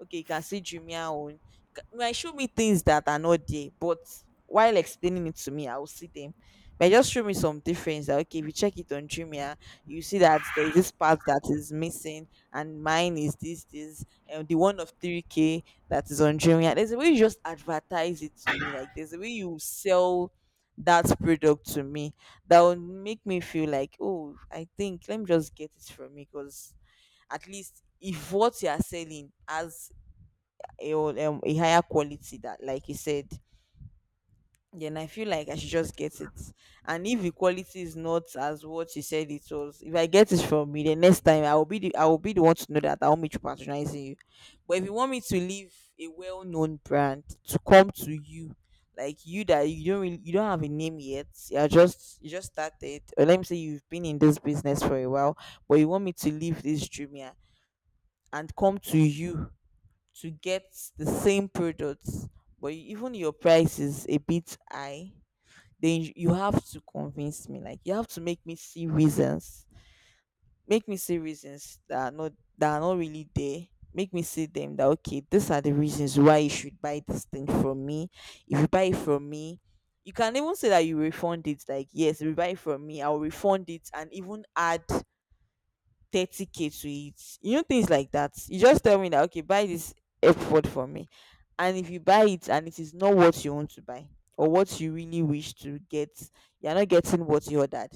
Speaker 2: okay, you can see Jumia own. You might show me things that are not there, but while explaining it to me I will see them, but just show me some difference that okay, if you check it on Jumia you see that there is this part that is missing and mine is this, and the one of 3k that is on Jumia, there's a way you just advertise it to me, like there's a way you sell that product to me that will make me feel like, oh, I think let me just get it from me, because at least if what you are selling has a higher quality that like you said, then I feel like I should just get it. And if the quality is not as what you said it was, if I get it from you, the next time I will be the I will be the one to know that I want me to patronize you. But if you want me to leave a well-known brand to come to you, like you that you don't really, you don't have a name yet, you're just, you just started, or let me say you've been in this business for a while, but you want me to leave this Jumia and come to you to get the same products, but even your price is a bit high, then you have to convince me. Like you have to make me see reasons, make me see reasons that are not, that are not really there. Make me see them that okay, these are the reasons why you should buy this thing from me. If you buy it from me, you can even say that you refund it. Like yes, if you buy it from me, I'll refund it and even add 30k to it, you know, things like that. You just tell me that okay, buy this airpod for me, and if you buy it and it is not what you want to buy or what you really wish to get, you're not getting what you ordered,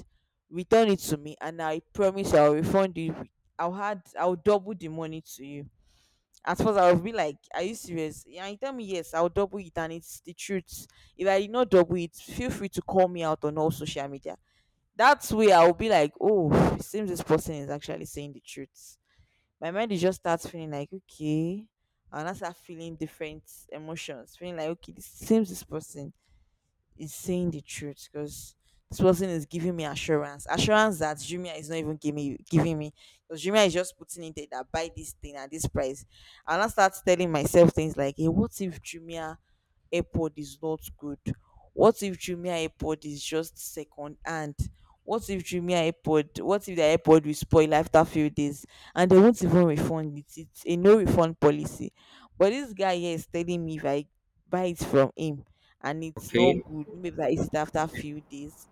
Speaker 2: return it to me and I promise you I'll refund you, I'll double the money to you. At first I was be like, are you serious? Yeah, you tell me yes, I'll double it and it's the truth. If I did not double it, feel free to call me out on all social media. That's way I'll be like, oh, it seems this person is actually saying the truth. My mind is just starts feeling like, okay. And I start feeling different emotions, feeling like, okay, this seems this person is saying the truth, because this person is giving me assurance that Jumia is not even giving me, because Jumia is just putting it there that buy this thing at this price, and I start telling myself things like, hey, what if Jumia airpod is not good? What if Jumia airpod is just second hand? What if Jumia airpod, what if the airpod will spoil after few days and they won't even refund it, it's a no refund policy? But this guy here is telling me if I buy it from him and it's not
Speaker 1: Okay.
Speaker 2: good, maybe like it's after a few days,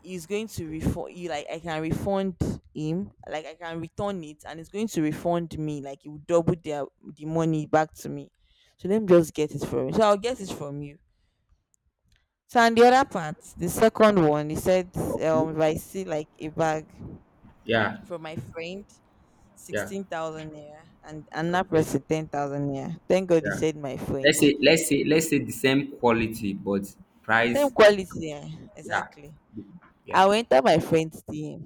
Speaker 2: he's going to refund you, like I can refund him, like I can return it and it's going to refund me, like he will double the money back to me. So let me just get it from you, so I'll get it from you. So, and the other part, the second one he said,
Speaker 1: Okay.
Speaker 2: if I see like a bag
Speaker 1: Yeah.
Speaker 2: from my friend
Speaker 1: Yeah.
Speaker 2: 16,000 naira and another
Speaker 1: Okay.
Speaker 2: person 10,000 naira, thank god he
Speaker 1: Yeah.
Speaker 2: said my friend.
Speaker 1: Let's say let's say let's say the same quality but
Speaker 2: Same
Speaker 1: price.
Speaker 2: quality, eh,
Speaker 1: Yeah.
Speaker 2: exactly.
Speaker 1: Yeah.
Speaker 2: I went to my friend's DM.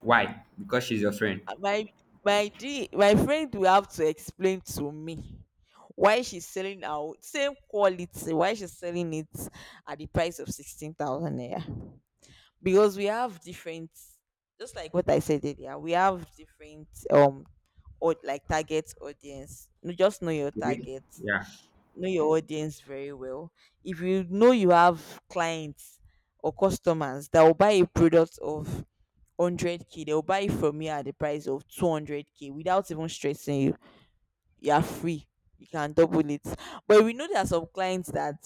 Speaker 1: Why? Because she's your friend.
Speaker 2: My my d my friend will have to explain to me why she's selling out same quality, why she's selling it at the price of 16,000 naira, because we have different, just like what I said earlier, we have different, or like target audience. No, just know your
Speaker 1: Okay.
Speaker 2: target,
Speaker 1: Yeah.
Speaker 2: know your audience very well. If you know you have clients or customers that will buy a product of 100k, they'll buy it from you at the price of 200k without even stressing you, you are free, you can double it. But we know there are some clients that,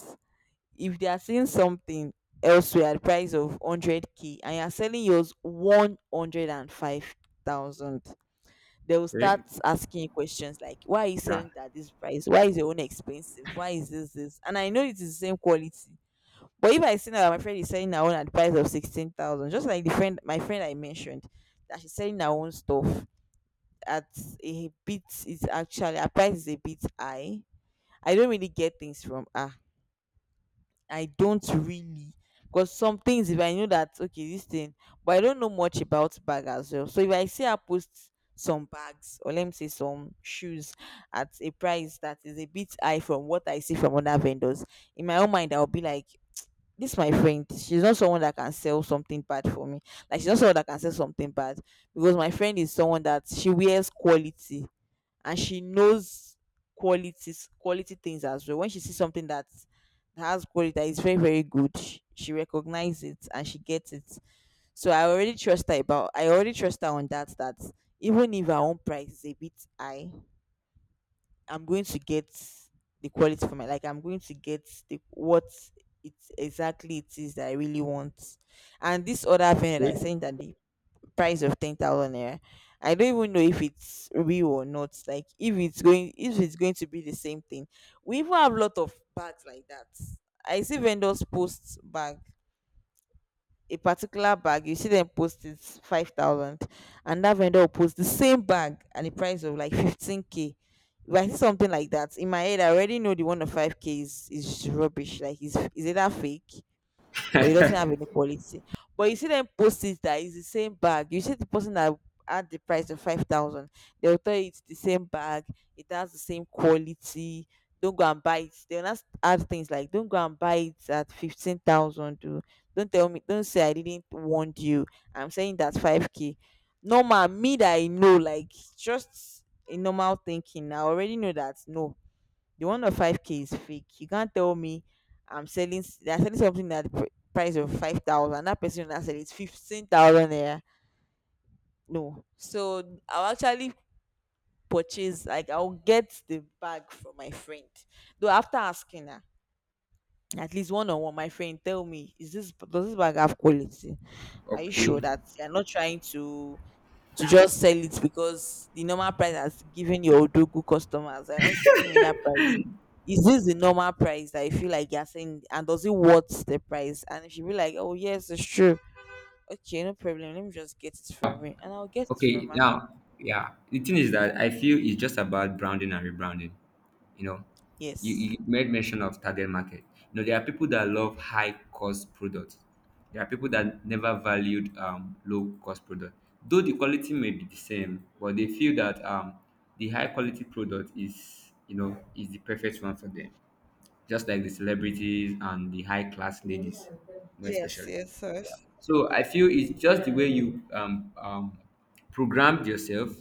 Speaker 2: if they are seeing something elsewhere at the price of 100k and you're selling yours 105,000, they will start
Speaker 1: Okay.
Speaker 2: asking you questions like, why are you
Speaker 1: Yeah.
Speaker 2: selling it at this price? Why is your own expensive? Why is this? And I know it is the same quality. But if I see now that my friend is selling her own at the price of 16,000, just like the friend, my friend I mentioned, that she's selling her own stuff at a bit, is actually her price is a bit high. I don't really get things from her. I don't really, because some things if I know that okay this thing, but I don't know much about bag as well. So if I see her post some bags, or let me say some shoes, at a price that is a bit high from what I see from other vendors, in my own mind I'll be like, this my friend, she's not someone that can sell something bad for me, like she's not someone that can sell something bad, because my friend is someone that she wears quality, and she knows qualities quality things as well. When she sees something that has quality that is very very good, she recognizes it and she gets it. So I already trust her about, I already trust her on that, that even if her own price is a bit high, I'm going to get the quality for my, like I'm going to get the what it exactly it is that I really want. And this other vendor that is
Speaker 1: Okay.
Speaker 2: saying that the price of 10,000 naira, I don't even know if it's real or not. Like if it's going, if it's going to be the same thing. We even have a lot of bags like that. I see vendors post bags, a particular bag, you see them post it's 5,000, and that vendor will post the same bag and the price of like 15k. If I see something like that, in my head I already know the one of 5k is rubbish, like is either fake, or it doesn't have any quality. But you see them post it that it's the same bag. You see the person that had the price of 5,000, they'll tell you it's the same bag, it has the same quality. Don't go and buy it. They'll not add things like don't go and buy it at 15,000. Do Don't tell me, don't say I didn't warn you. I'm saying that's 5K. No ma me that I know, like just a normal thinking. I already know that no, the one of 5K is fake. You can't tell me They're selling something at the price of 5,000. That person that selling is 15,000. Yeah, no. So I'll actually purchase. Like I'll get the bag from my friend. Though after asking her, at least one on one, my friend tell me, is this does this bag have quality? Are you sure
Speaker 1: Okay.
Speaker 2: that you're not trying to just sell it because the normal price has given your odogu customers are not giving me that price. Is this the normal price that you feel like you're saying and does it worth the price? And if you be like, oh yes, it's true. Okay, no problem. Let me just get it from you and I'll get it from
Speaker 1: Okay.
Speaker 2: her.
Speaker 1: Now, yeah. The thing is that I feel it's just about branding and rebranding. You know, you,
Speaker 2: Yes.
Speaker 1: you made mention of target market. You know, there are people that love high cost products. There are people that never valued low cost product. Though the quality may be the same, but they feel that the high quality product is, you know, is the perfect one for them. Just like the celebrities and the high class ladies, more
Speaker 2: Yes,
Speaker 1: especially.
Speaker 2: yes, yes.
Speaker 1: So I feel it's just the way you programmed yourself,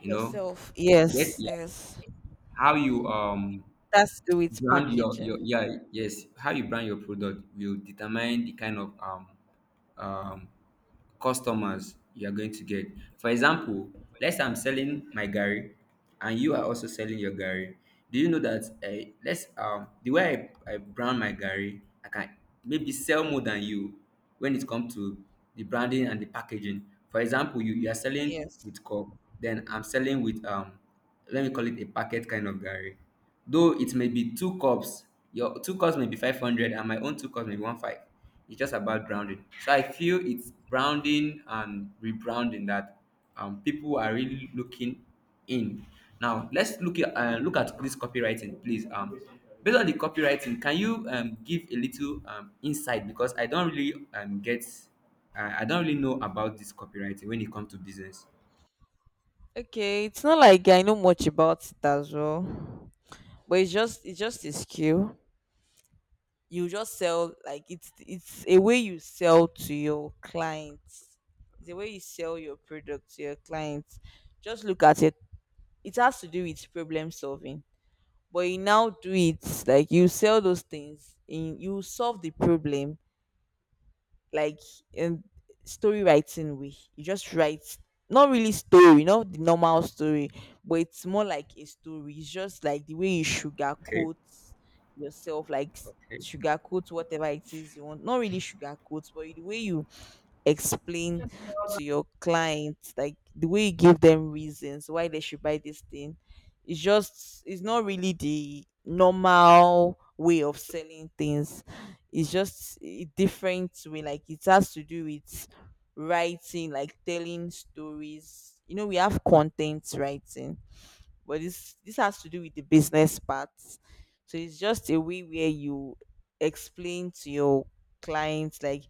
Speaker 1: you know,
Speaker 2: Yourself.
Speaker 1: get
Speaker 2: Yes,
Speaker 1: like,
Speaker 2: yes.
Speaker 1: how you
Speaker 2: That's the way it's
Speaker 1: brand your
Speaker 2: packaging.
Speaker 1: yeah, yes, how you brand your product will determine the kind of um customers you are going to get. For example, let's say I'm selling my gary, and you are also selling your gary. Do you know that let's the way I brand my gary, I can maybe sell more than you when it comes to the branding and the packaging. For example, you are selling
Speaker 2: Yes.
Speaker 1: with coke, then I'm selling with let me call it a packet kind of garri. Though it may be two cups, your two cups may be 500 and my own two cups may be one five. It's just about grounding. So I feel it's branding and rebranding that people are really looking in. Now let's look at this copywriting, please. Based on the copywriting, can you give a little insight because I don't really I don't really know about this copywriting when it comes to business.
Speaker 2: Okay, it's not like I know much about it as well. But it's just a skill. You just sell like it's a way you sell to your clients. It's a way you sell your product to your clients. Just look at it. It has to do with problem solving, but you now do it like you sell those things in you solve the problem, like um, story writing way. You just write, not really story, not the normal story, but it's more like a story. It's just like the way you
Speaker 1: Okay,
Speaker 2: sugarcoat yourself, like
Speaker 1: okay,
Speaker 2: sugarcoat whatever it is you want. Not really sugarcoat, but the way you explain to your clients, like the way you give them reasons why they should buy this thing. It's just it's not really the normal way of selling things. It's just a different way, like it has to do with writing like telling stories. You know we have content writing, but this has to do with the business part. So it's just a way where you explain to your clients, like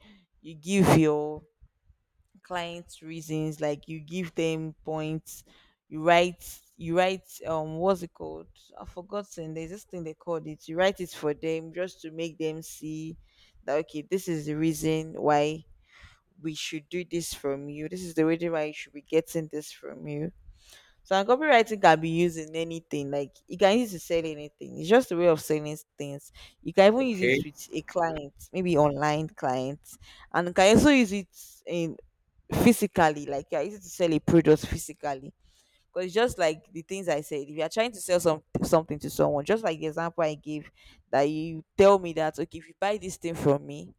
Speaker 2: you give your clients reasons, like you give them points. You write, you write what's it called, I've forgotten, there's this thing they called it, you write it for them just to make them see that okay, this is the reason why we should do this from you, this is the reason why you should be getting this from you. So, and copywriting can be used in anything, like you can use it to sell anything. It's just a way of selling things. You can even use it
Speaker 1: okay,
Speaker 2: with a client, maybe online clients, and you can also use it in physically, like you're easy to sell a product physically, because it's just like the things I said. If you're trying to sell some something to someone, just like the example I gave, that you tell me that okay, if you buy this thing from me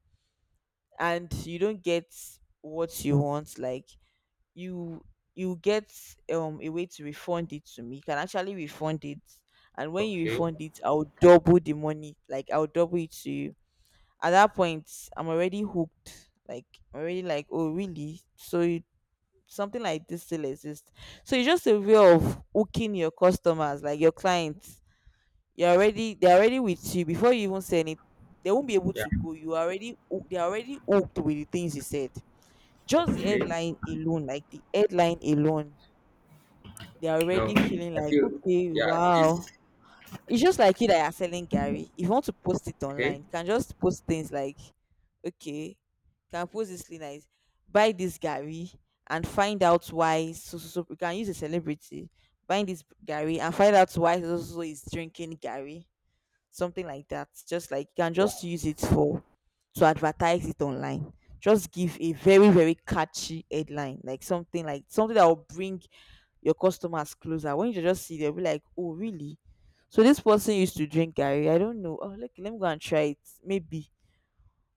Speaker 2: and you don't get what you want, like you you get a way to refund it to me, you can actually refund it, and when you
Speaker 1: okay.
Speaker 2: refund it, I'll double the money, like I'll double it to you. At that point I'm already hooked, like I'm already like oh really, so you something like this still exists. So it's just a way of hooking your customers, like your clients. You're already They're already with you before you even say anything. They won't be able
Speaker 1: Yeah,
Speaker 2: to go. They're already hooked with the things you said. Just the
Speaker 1: okay.
Speaker 2: headline alone, like the headline alone, they're
Speaker 1: No,
Speaker 2: already feeling
Speaker 1: I
Speaker 2: like,
Speaker 1: feel,
Speaker 2: okay,
Speaker 1: yeah, this,
Speaker 2: wow. It's just like you that are selling Gary. If you want to post it
Speaker 1: okay.
Speaker 2: online, you can just post things like, okay, can post this thing like buy this Gary and find out why so so so. You can use a celebrity, buy this Gary and find out why so so so is drinking Gary, something like that. Just like you can just use it for to advertise it online. Just give a very very catchy headline, like something that will bring your customers closer. When you just see, they'll be like oh really, so this person used to drink Gary, I don't know, oh look, let me go and try it maybe.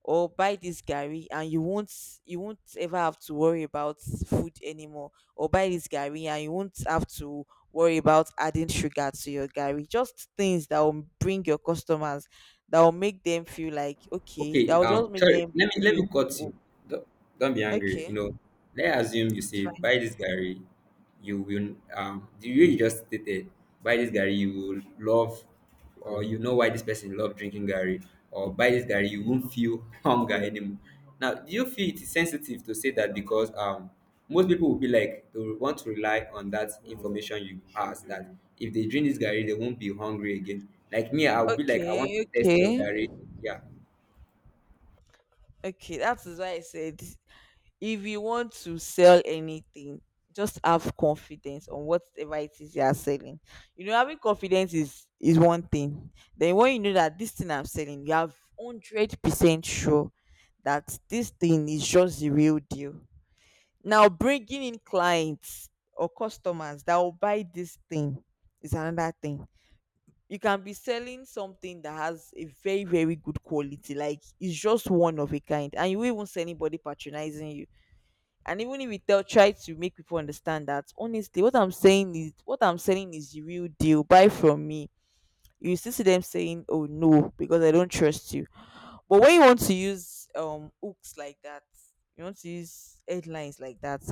Speaker 2: Or buy this gari and you won't, you won't ever have to worry about food anymore, or buy this gari and you won't have to worry about adding sugar to your gari. Just things that will bring your customers, that will make them feel like okay,
Speaker 1: Okay,
Speaker 2: that will just make
Speaker 1: sorry,
Speaker 2: them
Speaker 1: let me
Speaker 2: feel.
Speaker 1: cut you.
Speaker 2: Oh,
Speaker 1: Don't, don't be angry. You
Speaker 2: okay,
Speaker 1: know, let's assume you
Speaker 2: it's
Speaker 1: say
Speaker 2: fine.
Speaker 1: buy this Gary, you will the way you just stated, buy this Gary, you will love, or you know why this person love drinking Gary, or buy this Gary, you won't feel hunger anymore. Now, do you feel it is sensitive to say that because most people will be like they will want to rely on that information you pass, that if they drink this Gary, they won't be hungry again. Like me, I'll be like, I want to
Speaker 2: Okay,
Speaker 1: test your
Speaker 2: okay,
Speaker 1: Gary. Yeah.
Speaker 2: okay, that is why I said, if you want to sell anything, just have confidence on whatever it is you are selling. You know, having confidence is one thing. Then when you know that this thing I'm selling, you have 100% sure that this thing is just the real deal. Now bringing in clients or customers that will buy this thing is another thing. You can be selling something that has a very very good quality, like it's just one of a kind, and you won't even see anybody patronizing you. And even if we tell try to make people understand that honestly what I'm saying is what I'm selling is the real deal, buy from me, you still see them saying oh no, because I don't trust you. But when you want to use hooks like that, you want to use headlines like that.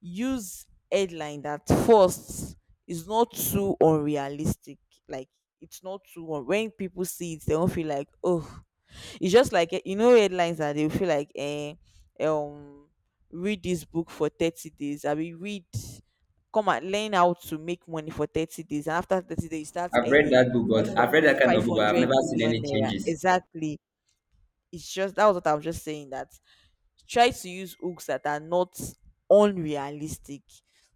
Speaker 2: Use headline that first is not too unrealistic, like it's not too un- when people see it they don't feel like oh, it's just like eh, you know, headlines that they feel like eh, um read this book for 30 days. I mean, read come and learn how to make money for 30 days and after 30 days you start earning 500,
Speaker 1: I've read that kind of book, but I've
Speaker 2: 500
Speaker 1: never seen
Speaker 2: million
Speaker 1: any
Speaker 2: naira
Speaker 1: changes.
Speaker 2: exactly. It's just that was what I was just saying, that try to use hooks that are not unrealistic,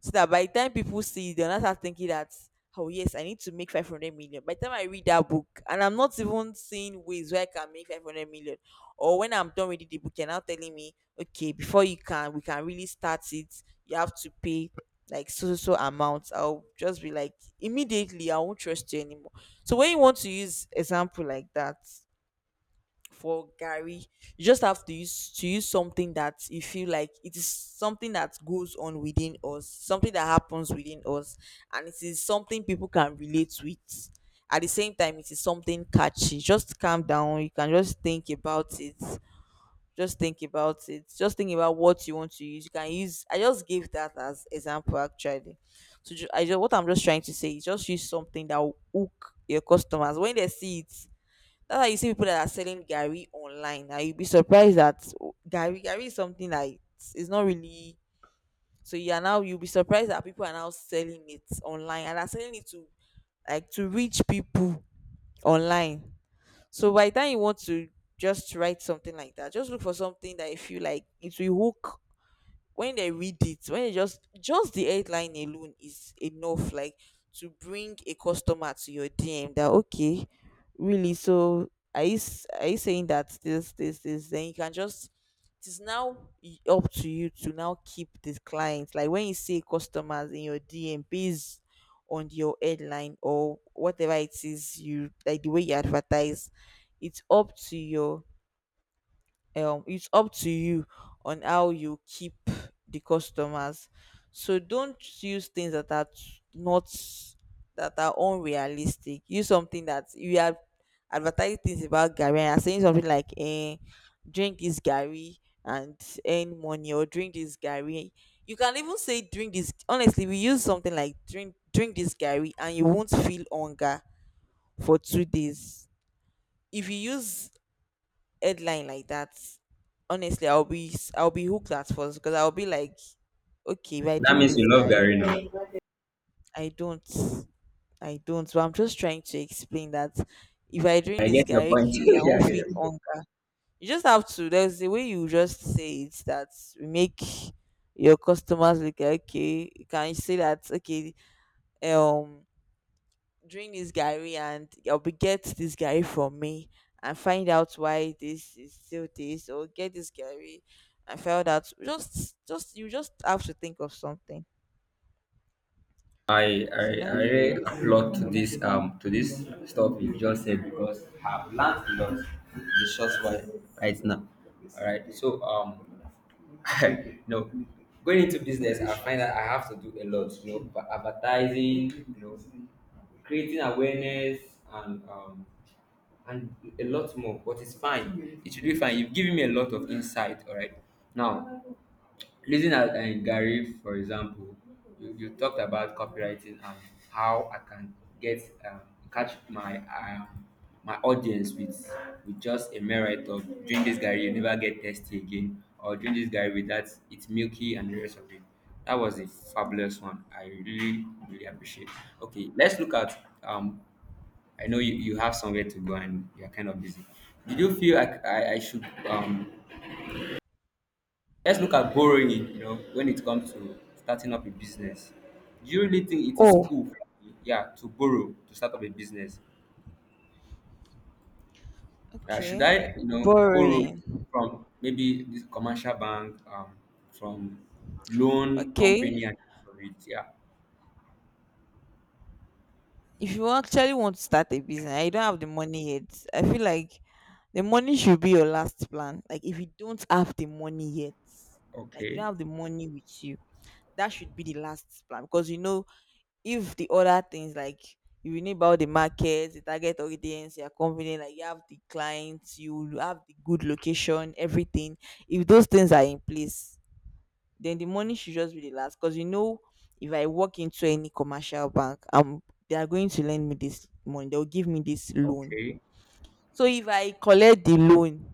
Speaker 2: so that by the time people see it, they'll not start thinking that oh yes, I need to make 500 million by the time I read that book, and I'm not even seeing ways where I can make 500 million, or when I'm done reading the book you're now telling me okay, before you can we can really start it you have to pay like so so so amount. I'll just be like, immediately I won't trust you anymore. So when you want to use example like that for Gary. You just have to use something that you feel like it is something that goes on within us, something that happens within us, and it is something people can relate with. At the same time, it is something catchy. Just calm down. You can just think about it. Just think about it. Just think about what you want to use. You can use. I just gave that as example actually. So I just what I'm just trying to say is just use something that will hook your customers when they see it. That's why you see people that are selling gary online and you'll be surprised that oh, gary is something that it's not really. So you are now, you'll be surprised that people are now selling it online and are selling it to like to reach people online. So by the time you want to just write something like that, just look for something that you feel like it will hook. When they read it, when they just the headline alone is enough, like to bring a customer to your DM, that okay, really. Are you saying that this this this? Then you can just it is now up to you to now keep this client. Like when you say customers in your DM based on your headline or whatever it is you like the way you advertise, it's up to your it's up to you on how you keep the customers. So don't use things that are not that are unrealistic. Use something that you are advertising things about gary and are saying something like eh, drink this gary and earn money, or drink this gary. You can even say drink this, honestly we use something like drink this gary and you won't feel hunger for 2 days. If you use headline like that, honestly, I'll be hooked at first because I'll be like, okay, if I
Speaker 1: That
Speaker 2: drink
Speaker 1: means
Speaker 2: this
Speaker 1: you love
Speaker 2: guy,
Speaker 1: Gary now.
Speaker 2: I don't, I don't. But I'm just trying to explain that if I drink
Speaker 1: I
Speaker 2: this
Speaker 1: get your
Speaker 2: guy,
Speaker 1: point.
Speaker 2: okay, I
Speaker 1: Yeah, I
Speaker 2: won't
Speaker 1: get your
Speaker 2: feel
Speaker 1: point.
Speaker 2: hunger. You just have to. There's the way you just say it that we make your customers like okay. You can say that okay? Um, drink this gary and you'll be get this gary from me and find out why this is still this, or get this gary and find out just you just have to think of something.
Speaker 1: I, I,
Speaker 2: So
Speaker 1: I
Speaker 2: that's
Speaker 1: really applaud to this stuff you just said because I've learned a lot in the why right now. All right, so no, going into business, I find that I have to do a lot, you know, for advertising, you know, creating awareness and um, and a lot more, but it's fine. It should be fine. You've given me a lot of insight, all right? Now, looking at Gary, for example, you talked about copywriting and how I can get um, catch my my audience with just a mere write of drink this Gary, you never get thirsty again, or drink this Gary with that, it's milky and the rest of it. That was a fabulous one. I really, really appreciate. Okay, let's look at um I know you have somewhere to go and you're kind of busy. Did you feel I should let's look at borrowing it, you know, when it comes to starting up a business. Do you really think it is
Speaker 2: oh
Speaker 1: cool for me, yeah, to borrow to start up a business? Should
Speaker 2: okay,
Speaker 1: I, you know, borrow
Speaker 2: boring,
Speaker 1: from maybe this commercial bank, from loan
Speaker 2: okay.
Speaker 1: company and so it, yeah.
Speaker 2: If you actually want to start a business and you don't have the money yet, I feel like the money should be your last plan. Like if you don't have the money yet, like you don't
Speaker 1: Okay,
Speaker 2: have the money with you, that should be the last plan, because you know, if the other things like you know about the market, the target audience, you are confident, like you have the clients, you have the good location, everything. If those things are in place, then the money should just be the last. Because you know, if I walk into any commercial bank, they are going to lend me this money. They'll give me this loan.
Speaker 1: okay,
Speaker 2: So if I collect the loan,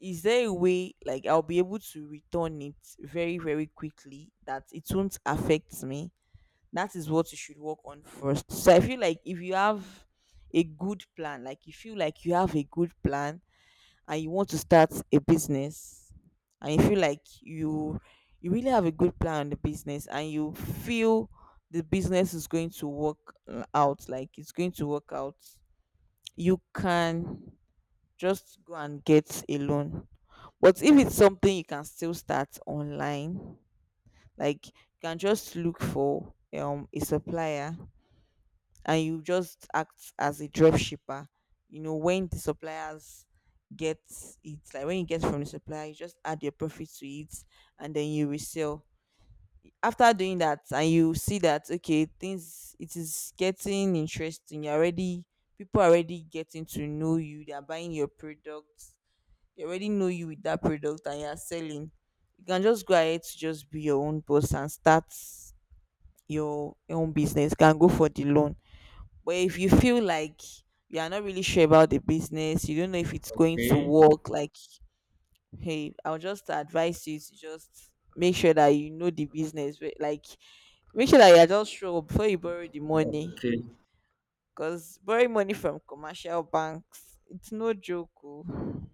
Speaker 2: is there a way like I'll be able to return it very, very quickly that it won't affect me? That is what you should work on first. So I feel like if you have a good plan, like you feel like you have a good plan and you want to start a business and you feel like you really have a good plan on the business, and you feel the business is going to work out, like it's going to work out, you can just go and get a loan. But if it's something you can still start online, like you can just look for a supplier, and you just act as a drop shipper. You know, when the suppliers get it, like when you get from the supplier, you just add your profit to it and then you resell. After doing that, and you see that okay, things it is getting interesting, you're already people are already getting to know you, they're buying your products, they already know you with that product and you're selling, you can just go ahead to just be your own boss and start your own business. You can go for the loan. But if you feel like you are not really sure about the business, you don't know if it's going to
Speaker 1: okay,
Speaker 2: work, like, hey, I'll just advise you to just make sure that you know the business. But, like, make sure that you're just sure before you borrow the money.
Speaker 1: okay.
Speaker 2: Because borrowing money from commercial banks, it's no joke. Oh.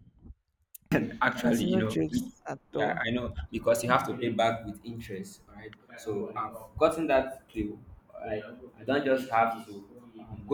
Speaker 1: And
Speaker 2: It's
Speaker 1: actually, you
Speaker 2: no
Speaker 1: know,
Speaker 2: jokes
Speaker 1: it.
Speaker 2: at
Speaker 1: Yeah,
Speaker 2: all.
Speaker 1: I know because you have to pay back with interest, right? So I've gotten that clue. Like I don't just have to. I'm going